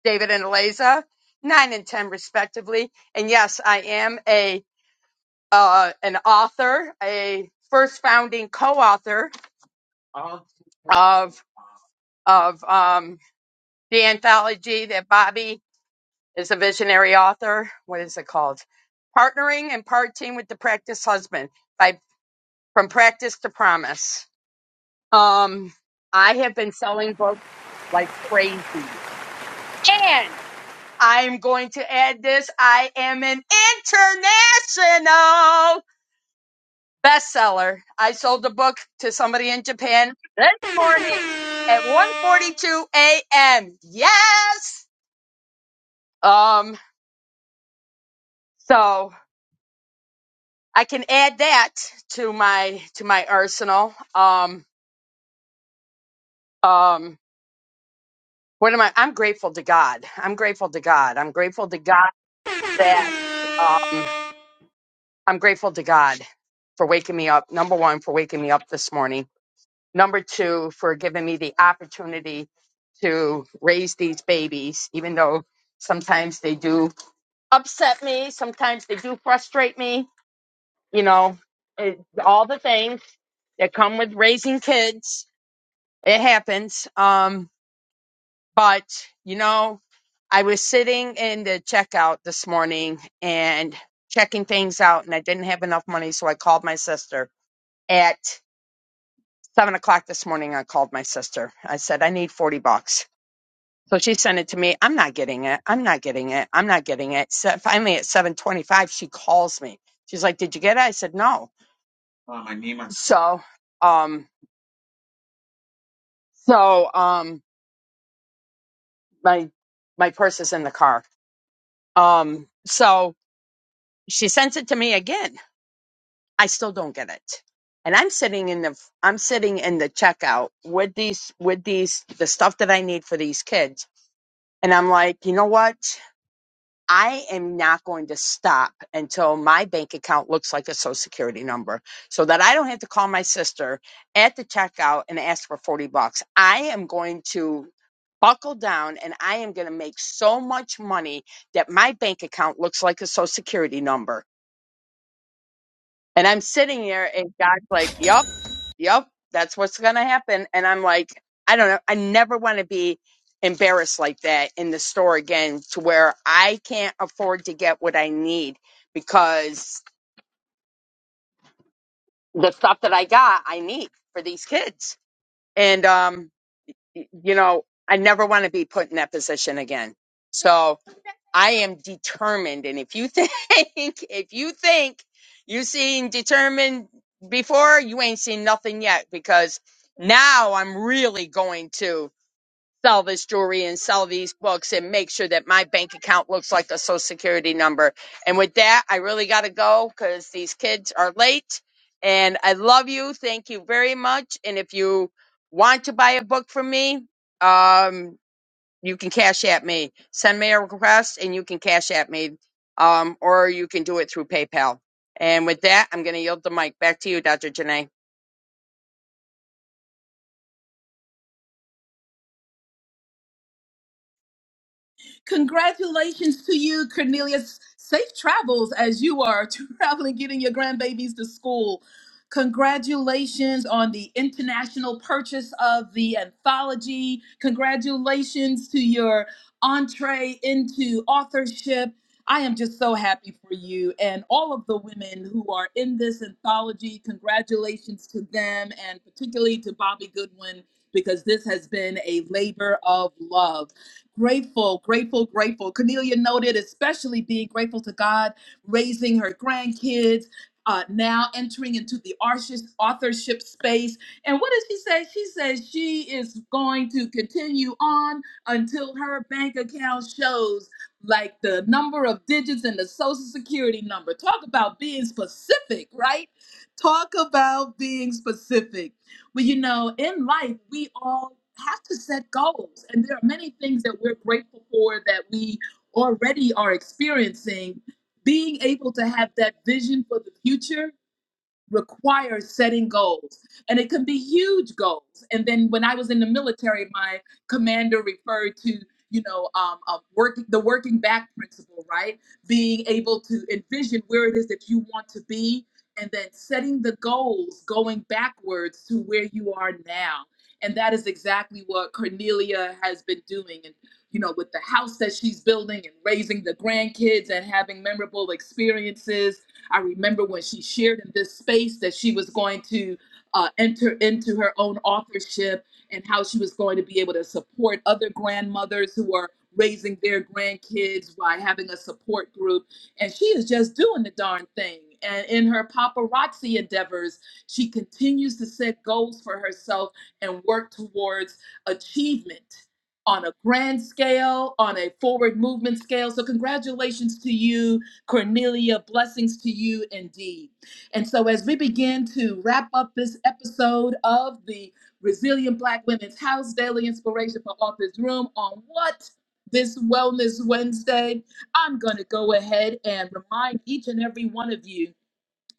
Speaker 5: David and Eliza, nine and ten respectively. And yes, I am a uh, an author, a first founding co-author of of um, the anthology that Bobby is a visionary author. What is it called? Partnering and parting with the practice husband by from practice to promise. Um, I have been selling books like crazy, and I am going to add this. I am an international bestseller. I sold the book to somebody in Japan this morning at one forty-two a.m. Yes. Um, so I can add that to my to my arsenal. Um, um, what am I? I'm grateful to God. I'm grateful to God. I'm grateful to God that um, I'm grateful to God for waking me up. Number one, for waking me up this morning. Number two, for giving me the opportunity to raise these babies, even though sometimes they do upset me, sometimes they do frustrate me you know, it, all the things that come with raising kids. It happens. Um, but you know, I was sitting in the checkout this morning and checking things out, and I didn't have enough money, so I called my sister at seven o'clock this morning. I called my sister. I said, I need 40 bucks. So she sent it to me. I'm not getting it. I'm not getting it. I'm not getting it. So finally at 725, she calls me. She's like, Did you get it? I said, No. So, um, So um my my purse is in the car. Um so she sends it to me again. I still don't get it. And I'm sitting in the I'm sitting in the checkout with these with these the stuff that I need for these kids. And I'm like, "You know what? I am not going to stop until my bank account looks like a social security number so that I don't have to call my sister at the checkout and ask for 40 bucks. I am going to buckle down and I am going to make so much money that my bank account looks like a social security number. And I'm sitting there and God's like, Yup, yup, that's what's gonna happen. And I'm like, I don't know, I never wanna be embarrassed like that in the store again to where I can't afford to get what I need because the stuff that I got I need for these kids. And um y- you know, I never wanna be put in that position again. So I am determined. And if you think, if you think you're seeing determined before, you ain't seen nothing yet because now I'm really going to sell this jewelry and sell these books and make sure that my bank account looks like a social security number. And with that, I really got to go because these kids are late. And I love you. Thank you very much. And if you want to buy a book from me, um, you can cash at me. Send me a request and you can cash at me. Um, or you can do it through PayPal. And with that, I'm going to yield the mic back to you, Dr. Janae.
Speaker 1: Congratulations to you, Cornelius. Safe travels as you are traveling, getting your grandbabies to school. Congratulations on the international purchase of the anthology. Congratulations to your entree into authorship. I am just so happy for you and all of the women who are in this anthology. Congratulations to them and particularly to Bobby Goodwin because this has been a labor of love. Grateful, grateful, grateful. Cornelia noted, especially being grateful to God, raising her grandkids, uh, now entering into the arches- authorship space. And what does she say? She says she is going to continue on until her bank account shows like the number of digits and the social security number. Talk about being specific, right? Talk about being specific. But you know, in life, we all have to set goals. And there are many things that we're grateful for that we already are experiencing. Being able to have that vision for the future requires setting goals and it can be huge goals and then when i was in the military my commander referred to you know um, um, working the working back principle right being able to envision where it is that you want to be and then setting the goals going backwards to where you are now and that is exactly what cornelia has been doing and you know with the house that she's building and raising the grandkids and having memorable experiences I remember when she shared in this space that she was going to uh, enter into her own authorship and how she was going to be able to support other grandmothers who are raising their grandkids by having a support group. And she is just doing the darn thing. And in her paparazzi endeavors, she continues to set goals for herself and work towards achievement on a grand scale, on a forward movement scale. So, congratulations to you Cornelia, blessings to you indeed. And so, as we begin to wrap up this episode of the Resilient Black Women's House Daily Inspiration for Authors Room on what this Wellness Wednesday, I'm going to go ahead and remind each and every one of you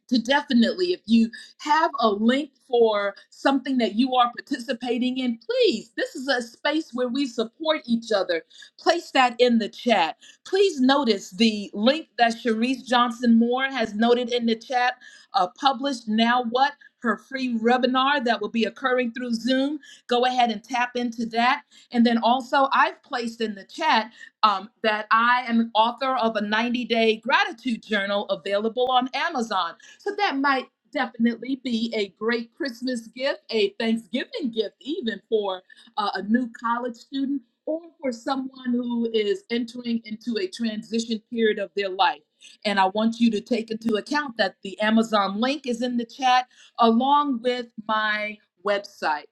Speaker 1: to definitely if you have a link for something that you are participating in please this is a space where we support each other place that in the chat please notice the link that Sharice Johnson Moore has noted in the chat uh, published now what her free webinar that will be occurring through Zoom. Go ahead and tap into that. And then also, I've placed in the chat um, that I am an author of a 90 day gratitude journal available on Amazon. So that might definitely be a great Christmas gift, a Thanksgiving gift, even for uh, a new college student or for someone who is entering into a transition period of their life. And I want you to take into account that the Amazon link is in the chat along with my website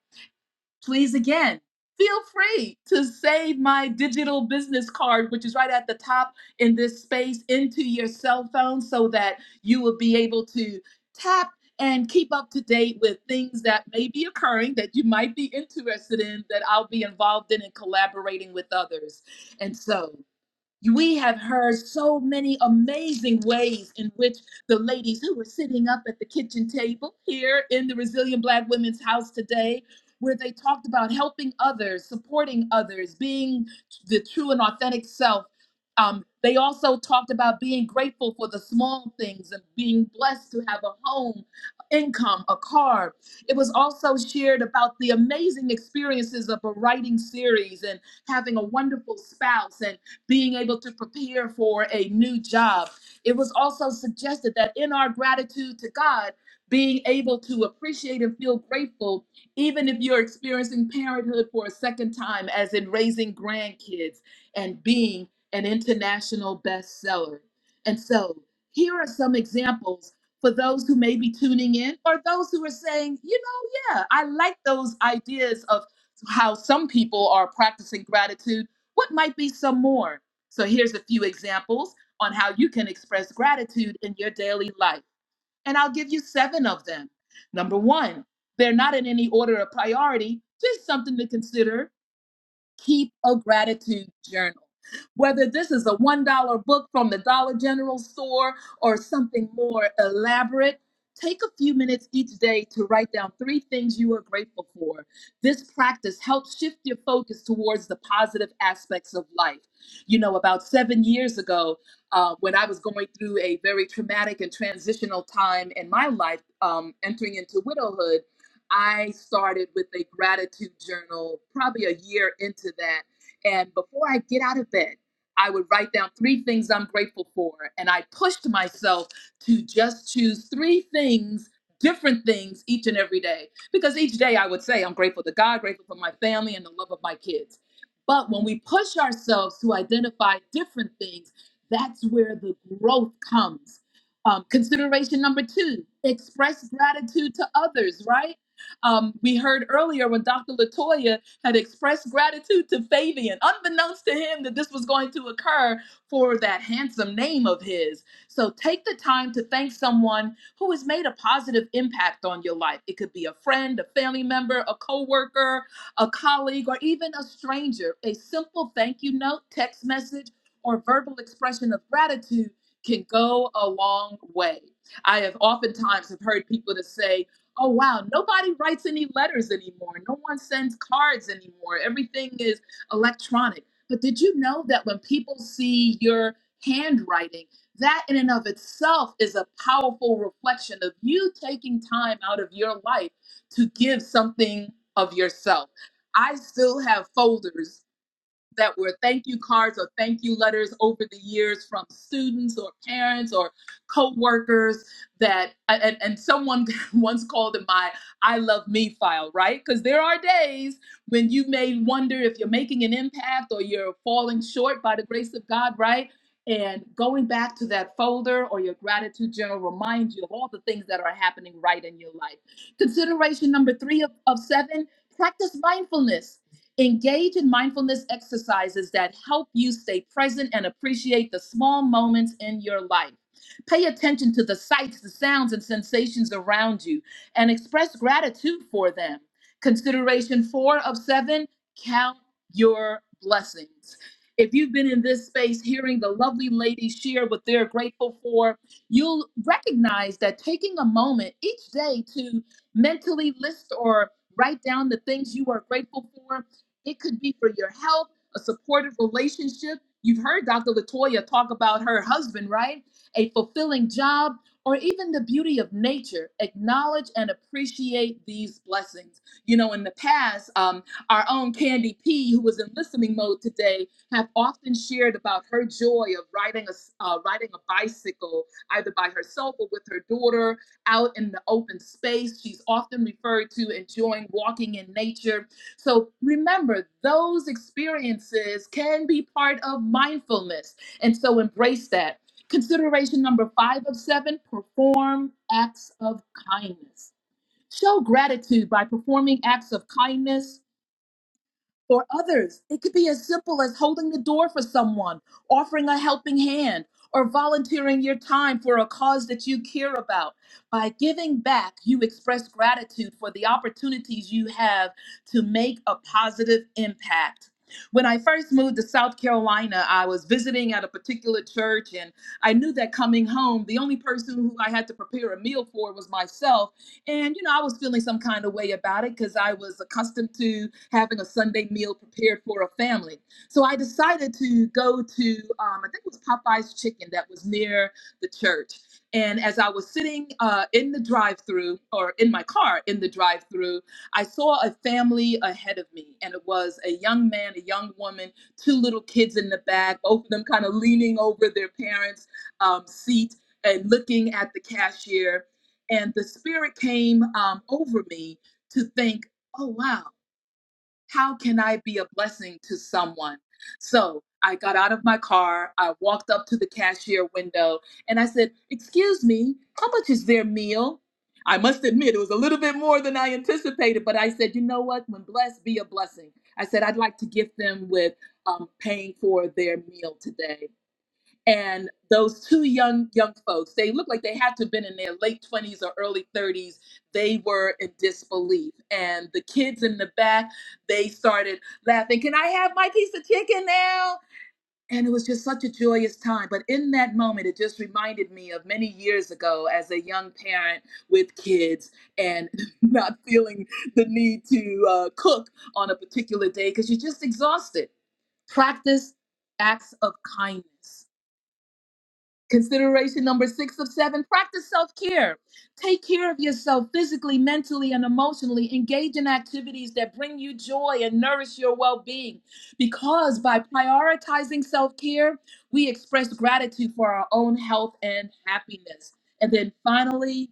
Speaker 1: please again feel free to save my digital business card which is right at the top in this space into your cell phone so that you will be able to tap and keep up to date with things that may be occurring that you might be interested in that I'll be involved in and collaborating with others. And so we have heard so many amazing ways in which the ladies who were sitting up at the kitchen table here in the Resilient Black Women's House today, where they talked about helping others, supporting others, being the true and authentic self. Um, they also talked about being grateful for the small things and being blessed to have a home, income, a car. It was also shared about the amazing experiences of a writing series and having a wonderful spouse and being able to prepare for a new job. It was also suggested that in our gratitude to God, being able to appreciate and feel grateful, even if you're experiencing parenthood for a second time, as in raising grandkids and being an international bestseller. And so, here are some examples for those who may be tuning in or those who are saying, you know, yeah, I like those ideas of how some people are practicing gratitude what might be some more? So here's a few examples on how you can express gratitude in your daily life. And I'll give you seven of them. Number one, they're not in any order of priority, just something to consider keep a gratitude journal. Whether this is a $1 book from the Dollar General store or something more elaborate, take a few minutes each day to write down three things you are grateful for. This practice helps shift your focus towards the positive aspects of life. You know, about seven years ago, uh, when I was going through a very traumatic and transitional time in my life, um, entering into widowhood. I started with a gratitude journal probably a year into that. And before I get out of bed, I would write down three things I'm grateful for. And I pushed myself to just choose three things, different things each and every day. Because each day I would say, I'm grateful to God, grateful for my family, and the love of my kids. But when we push ourselves to identify different things, that's where the growth comes. Um, consideration number two, express gratitude to others, right? um, we heard earlier when Dr. Latoya had expressed gratitude to Fabian, unbeknownst to him that this was going to occur for that handsome name of his. So take the time to thank someone who has made a positive impact on your life. It could be a friend, a family member, a coworker, a colleague, or even a stranger. A simple thank you note, text message, or verbal expression of gratitude can go a long way. I have oftentimes have heard people to say, Oh wow, nobody writes any letters anymore. No one sends cards anymore. Everything is electronic. But did you know that when people see your handwriting, that in and of itself is a powerful reflection of you taking time out of your life to give something of yourself. I still have folders that were thank you cards or thank you letters over the years from students or parents or co-workers that and, and someone once called it my i love me file right because there are days when you may wonder if you're making an impact or you're falling short by the grace of god right and going back to that folder or your gratitude journal reminds you of all the things that are happening right in your life consideration number three of, of seven practice mindfulness Engage in mindfulness exercises that help you stay present and appreciate the small moments in your life. Pay attention to the sights, the sounds, and sensations around you and express gratitude for them. Consideration four of seven count your blessings. If you've been in this space hearing the lovely ladies share what they're grateful for, you'll recognize that taking a moment each day to mentally list or write down the things you are grateful for it could be for your health, a supportive relationship. You've heard Dr. Latoya talk about her husband, right? A fulfilling job, or even the beauty of nature. Acknowledge and appreciate these blessings. You know, in the past, um, our own Candy P, who was in listening mode today, have often shared about her joy of riding a s- uh, riding a bicycle, either by herself or with her daughter, out in the open space. She's often referred to enjoying walking in nature so remember, those experiences can be part of mindfulness. And so embrace that. Consideration number five of seven perform acts of kindness. Show gratitude by performing acts of kindness or others. It could be as simple as holding the door for someone, offering a helping hand, or volunteering your time for a cause that you care about. By giving back, you express gratitude for the opportunities you have to make a positive impact. When I first moved to South Carolina, I was visiting at a particular church, and I knew that coming home, the only person who I had to prepare a meal for was myself and, you know, I was feeling some kind of way about it because I was accustomed to having a Sunday meal prepared for a family. So I decided to go to, um, I think it was Popeye's Chicken that was near the church. And as I was sitting uh, in the drive through or in my car in the drive through, I saw a family ahead of me. And it was a young man, a young woman, two little kids in the back, both of them kind of leaning over their parents' um, seat and looking at the cashier and the spirit came um, over me to think, oh, wow, how can I be a blessing to someone? So I got out of my car. I walked up to the cashier window and I said, Excuse me, how much is their meal? I must admit, it was a little bit more than I anticipated, but I said, You know what? When blessed, be a blessing. I said, I'd like to gift them with um, paying for their meal today and those two young young folks they looked like they had to have been in their late 20s or early 30s they were in disbelief and the kids in the back they started laughing can i have my piece of chicken now and it was just such a joyous time but in that moment it just reminded me of many years ago as a young parent with kids and not feeling the need to uh, cook on a particular day because you're just exhausted practice acts of kindness Consideration number six of seven practice self care. Take care of yourself physically, mentally, and emotionally. Engage in activities that bring you joy and nourish your well being. Because by prioritizing self care, we express gratitude for our own health and happiness. And then finally,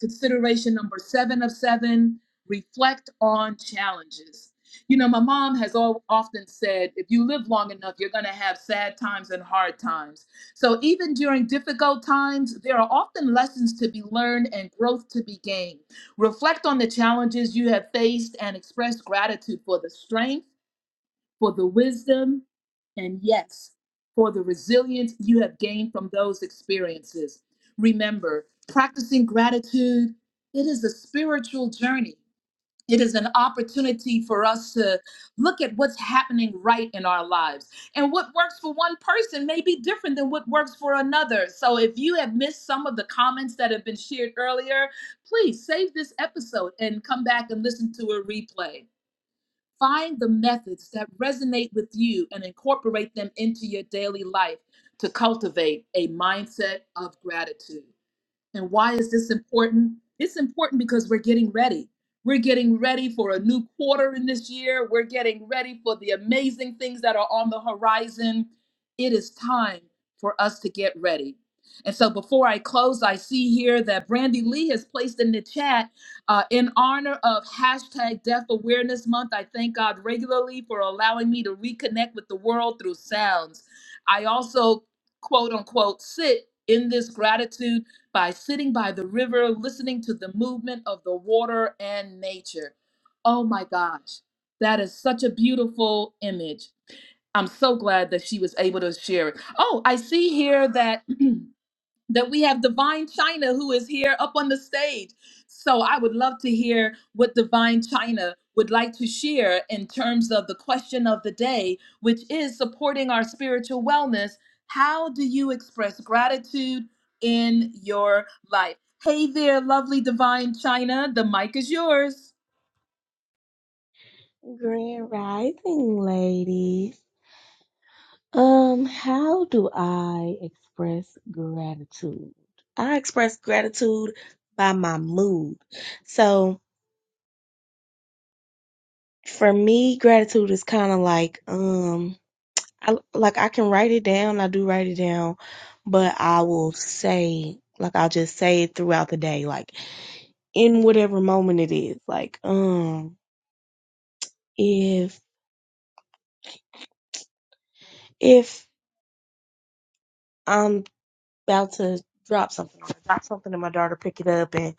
Speaker 1: Consideration number seven of seven reflect on challenges. You know, my mom has all, often said if you live long enough, you're going to have sad times and hard times. So, even during difficult times, there are often lessons to be learned and growth to be gained. Reflect on the challenges you have faced and express gratitude for the strength for the wisdom, and yes, for the resilience you have gained from those experiences. Remember, practicing gratitude, it is a spiritual journey. It is an opportunity for us to look at what's happening right in our lives. And what works for one person may be different than what works for another. So if you have missed some of the comments that have been shared earlier, please save this episode and come back and listen to a replay. Find the methods that resonate with you and incorporate them into your daily life to cultivate a mindset of gratitude. And why is this important? It's important because we're getting ready. We're getting ready for a new quarter in this year. We're getting ready for the amazing things that are on the horizon. It is time for us to get ready. And so before I close, I see here that Brandy Lee has placed in the chat uh, in honor of hashtag Deaf Awareness Month. I thank God regularly for allowing me to reconnect with the world through sounds. I also, quote unquote, sit in this gratitude by sitting by the river, listening to the movement of the water and nature. Oh my gosh, that is such a beautiful image. I'm so glad that she was able to share it. Oh, I see here that that we have Divine China who is here up on the stage. So I would love to hear what Divine China would like to share in terms of the question of the day, which is supporting our spiritual wellness. How do you express gratitude in your life? Hey there, lovely Divine China. The mic is yours.
Speaker 6: Grand Rising, ladies. Um, how do I express gratitude? I express gratitude by my mood. So for me, gratitude is kind of like um, I like I can write it down. I do write it down, but I will say like I'll just say it throughout the day, like in whatever moment it is. Like um, if if about to drop something or drop something and my daughter pick it up and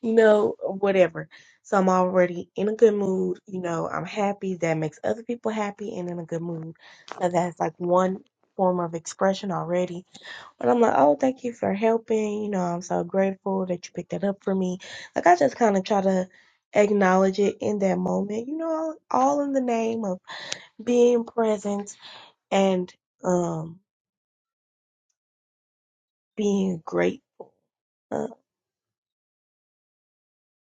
Speaker 6: you know whatever so i'm already in a good mood you know i'm happy that makes other people happy and in a good mood so that's like one form of expression already but i'm like oh thank you for helping you know i'm so grateful that you picked that up for me like i just kind of try to acknowledge it in that moment you know all in the name of being present and um being great. uh,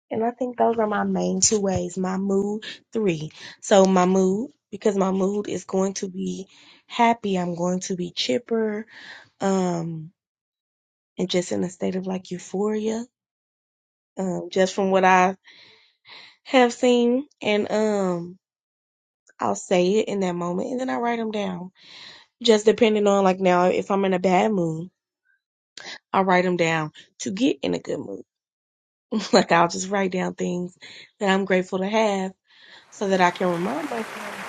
Speaker 6: And I think those are my main two ways. My mood, three. So my mood, because my mood is going to be happy. I'm going to be chipper, um, and just in a state of like euphoria, um, just from what I have seen. And, um, I'll say it in that moment and then I write them down. Just depending on like now, if I'm in a bad mood, I write them down to get in a good mood. like I'll just write down things that I'm grateful to have so that I can remind myself,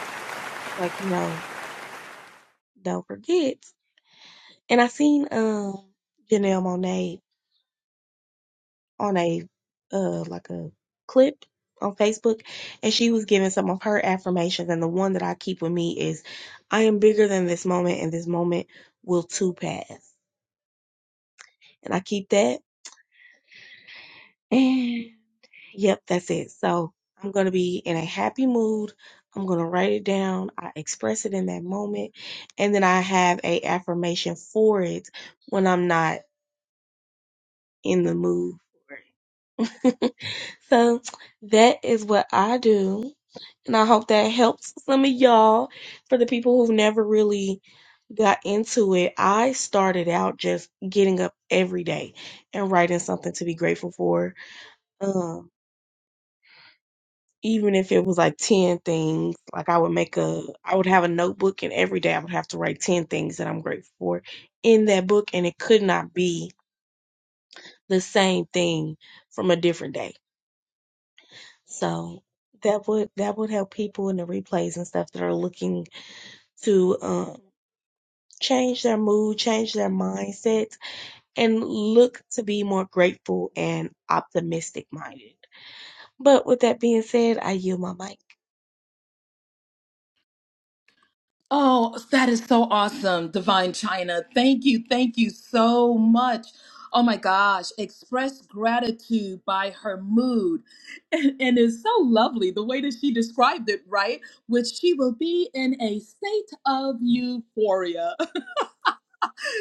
Speaker 6: like, you know, Don't forget. And I seen um Janelle Monae on a uh like a clip on Facebook and she was giving some of her affirmations and the one that I keep with me is I am bigger than this moment and this moment will too pass. And I keep that and yep, that's it. So I'm gonna be in a happy mood. I'm gonna write it down. I express it in that moment and then I have a affirmation for it when I'm not in the mood for it. So that is what I do. And I hope that helps some of y'all. For the people who've never really got into it, I started out just getting up every day and writing something to be grateful for. Um, even if it was like 10 things, like I would make a, I would have a notebook and every day I would have to write 10 things that I'm grateful for in that book. And it could not be the same thing from a different day So that would that would help people in the replays and stuff that are looking to um, change their mood, change their mindset, and look to be more grateful and optimistic minded. But with that being said, I yield my mic.
Speaker 1: Oh, that is so awesome, Divine China. Thank you. Thank you so much. Oh my gosh. Express gratitude by her mood. And, and it's so lovely the way that she described it, right? Which she will be in a state of euphoria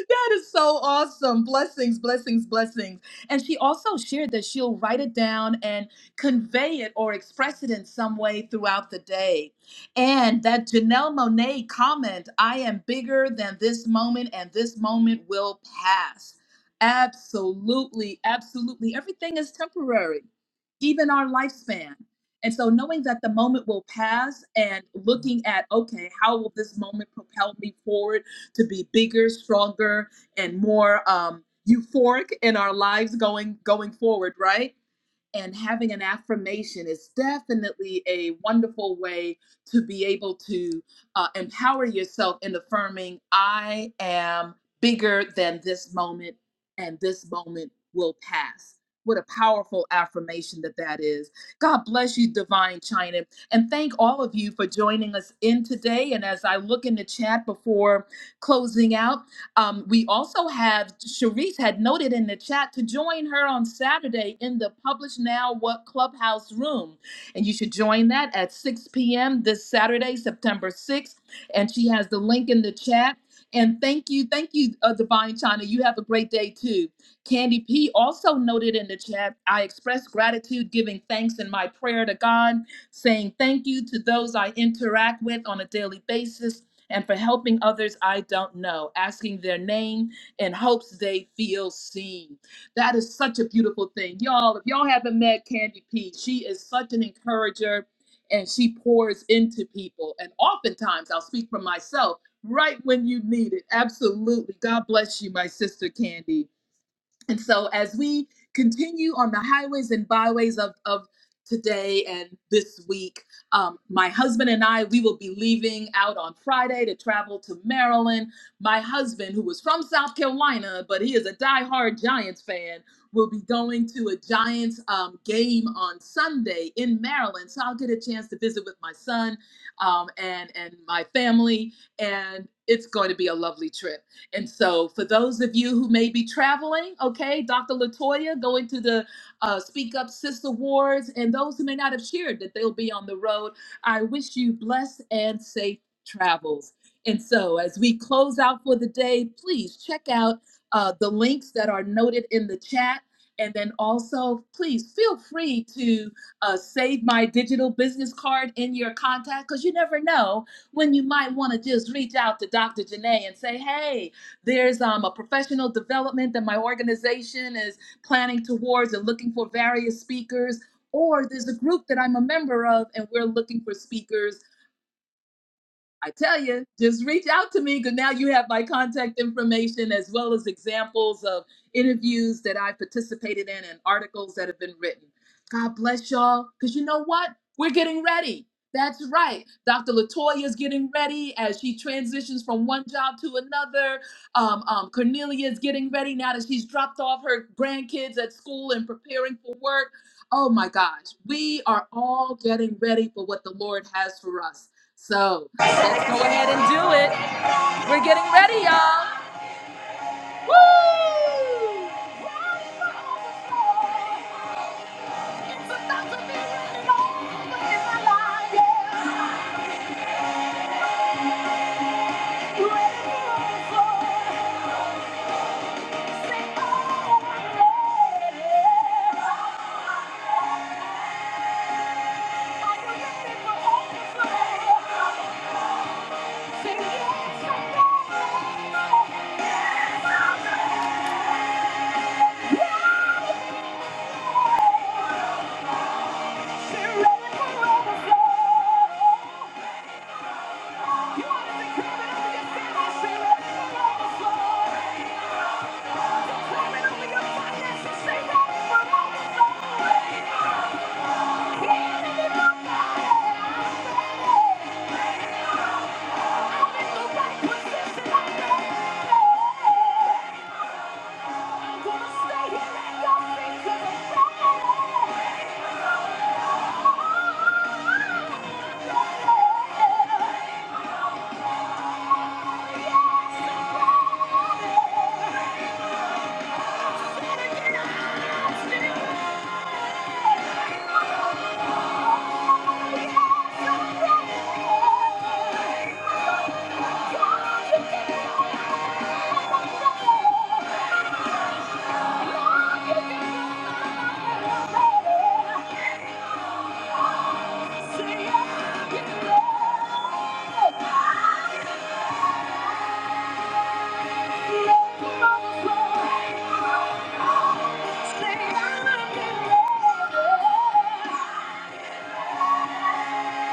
Speaker 1: that is so awesome. Blessings, blessings, blessings. And she also shared that she'll write it down and convey it or express it in some way throughout the day. And that Janelle Monae comment, I am bigger than this moment and this moment will pass. Absolutely, absolutely. Everything is temporary, even our lifespan. And so, knowing that the moment will pass and looking at, okay, how will this moment propel me forward? to be bigger, stronger, and more um, euphoric in our lives going going forward, right? and having an affirmation is definitely a wonderful way to be able to uh, empower yourself in affirming i am bigger than this moment and this moment will pass what a powerful affirmation that that is god bless you divine china and thank all of you for joining us in today and as i look in the chat before closing out um, we also have Sharice had noted in the chat to join her on Saturday in the Publish Now What Clubhouse room. And you should join that at 6 p.m. this Saturday, September 6th. And she has the link in the chat. And thank you, thank you, uh, Divine China. You have a great day too. Candy P also noted in the chat I express gratitude, giving thanks in my prayer to God, saying thank you to those I interact with on a daily basis and for helping others I don't know, asking their name in hopes they feel seen. That is such a beautiful thing. Y'all, if y'all haven't met Candy P, she is such an encourager and she pours into people. And oftentimes, I'll speak for myself, right when you need it. Absolutely. God bless you, my sister Candy. And so, as we continue on the highways and byways of, of today and this week, um, my husband and I, we will be leaving out on Friday to travel to Maryland. My husband, who was from South Carolina, but he is a diehard Giants fan, will be going to a Giants um, game on Sunday in Maryland. So, I'll get a chance to visit with my son um, and, and my family, and it's going to be a lovely trip. And so, for those of you who may be traveling, okay, Dr. Latoya going to the uh, Speak Up Sister Awards, and those who may not have shared that they'll be on the road, I wish you blessed and safe travels. And so, as we close out for the day, please check out uh, the links that are noted in the chat. And then also, please feel free to uh, save my digital business card in your contact because you never know when you might want to just reach out to Dr. Janae and say, hey, there's um, a professional development that my organization is planning towards and looking for various speakers. Or there's a group that I'm a member of, and we're looking for speakers I tell you, just reach out to me because now you have my contact information as well as examples of interviews that I participated in and articles that have been written. God bless y'all because you know what? We're getting ready. That's right. Dr. Latoya is getting ready as she transitions from one job to another. Um, um, Cornelia is getting ready now that she's dropped off her grandkids at school and preparing for work. Oh my gosh, we are all getting ready for what the Lord has for us. So, Go ahead and do it. We're getting ready, y'all.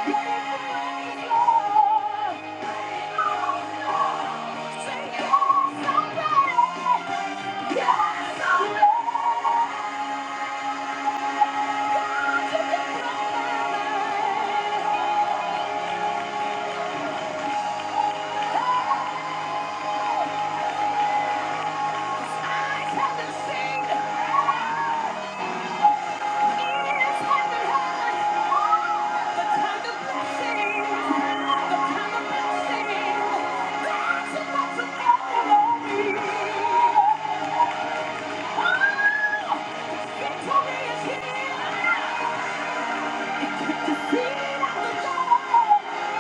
Speaker 1: Victory is here! Feel the joy!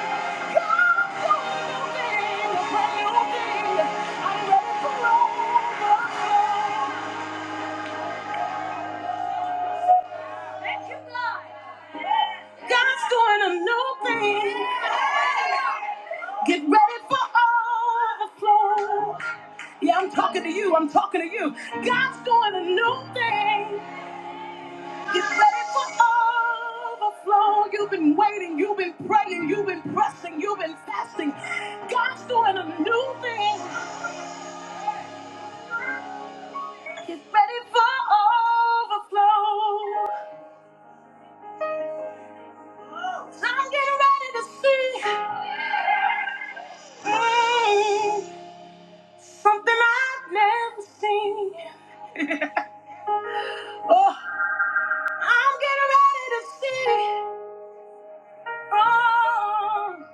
Speaker 1: Get ready for overflow. Yeah, I'm talking to you. I'm talking to you. God's doing a new thing. Get ready for overflow. You've been waiting. You've been praying. You've been pressing. You've been fasting. God's doing a new thing. Get ready for overflow. I'm getting ready to see mm, something I've never seen. I'm getting ready to see from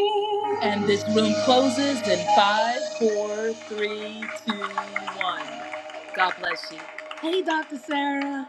Speaker 1: me. And this room closes in five, four, three, two, one. God bless you. Hey, Dr. Sarah.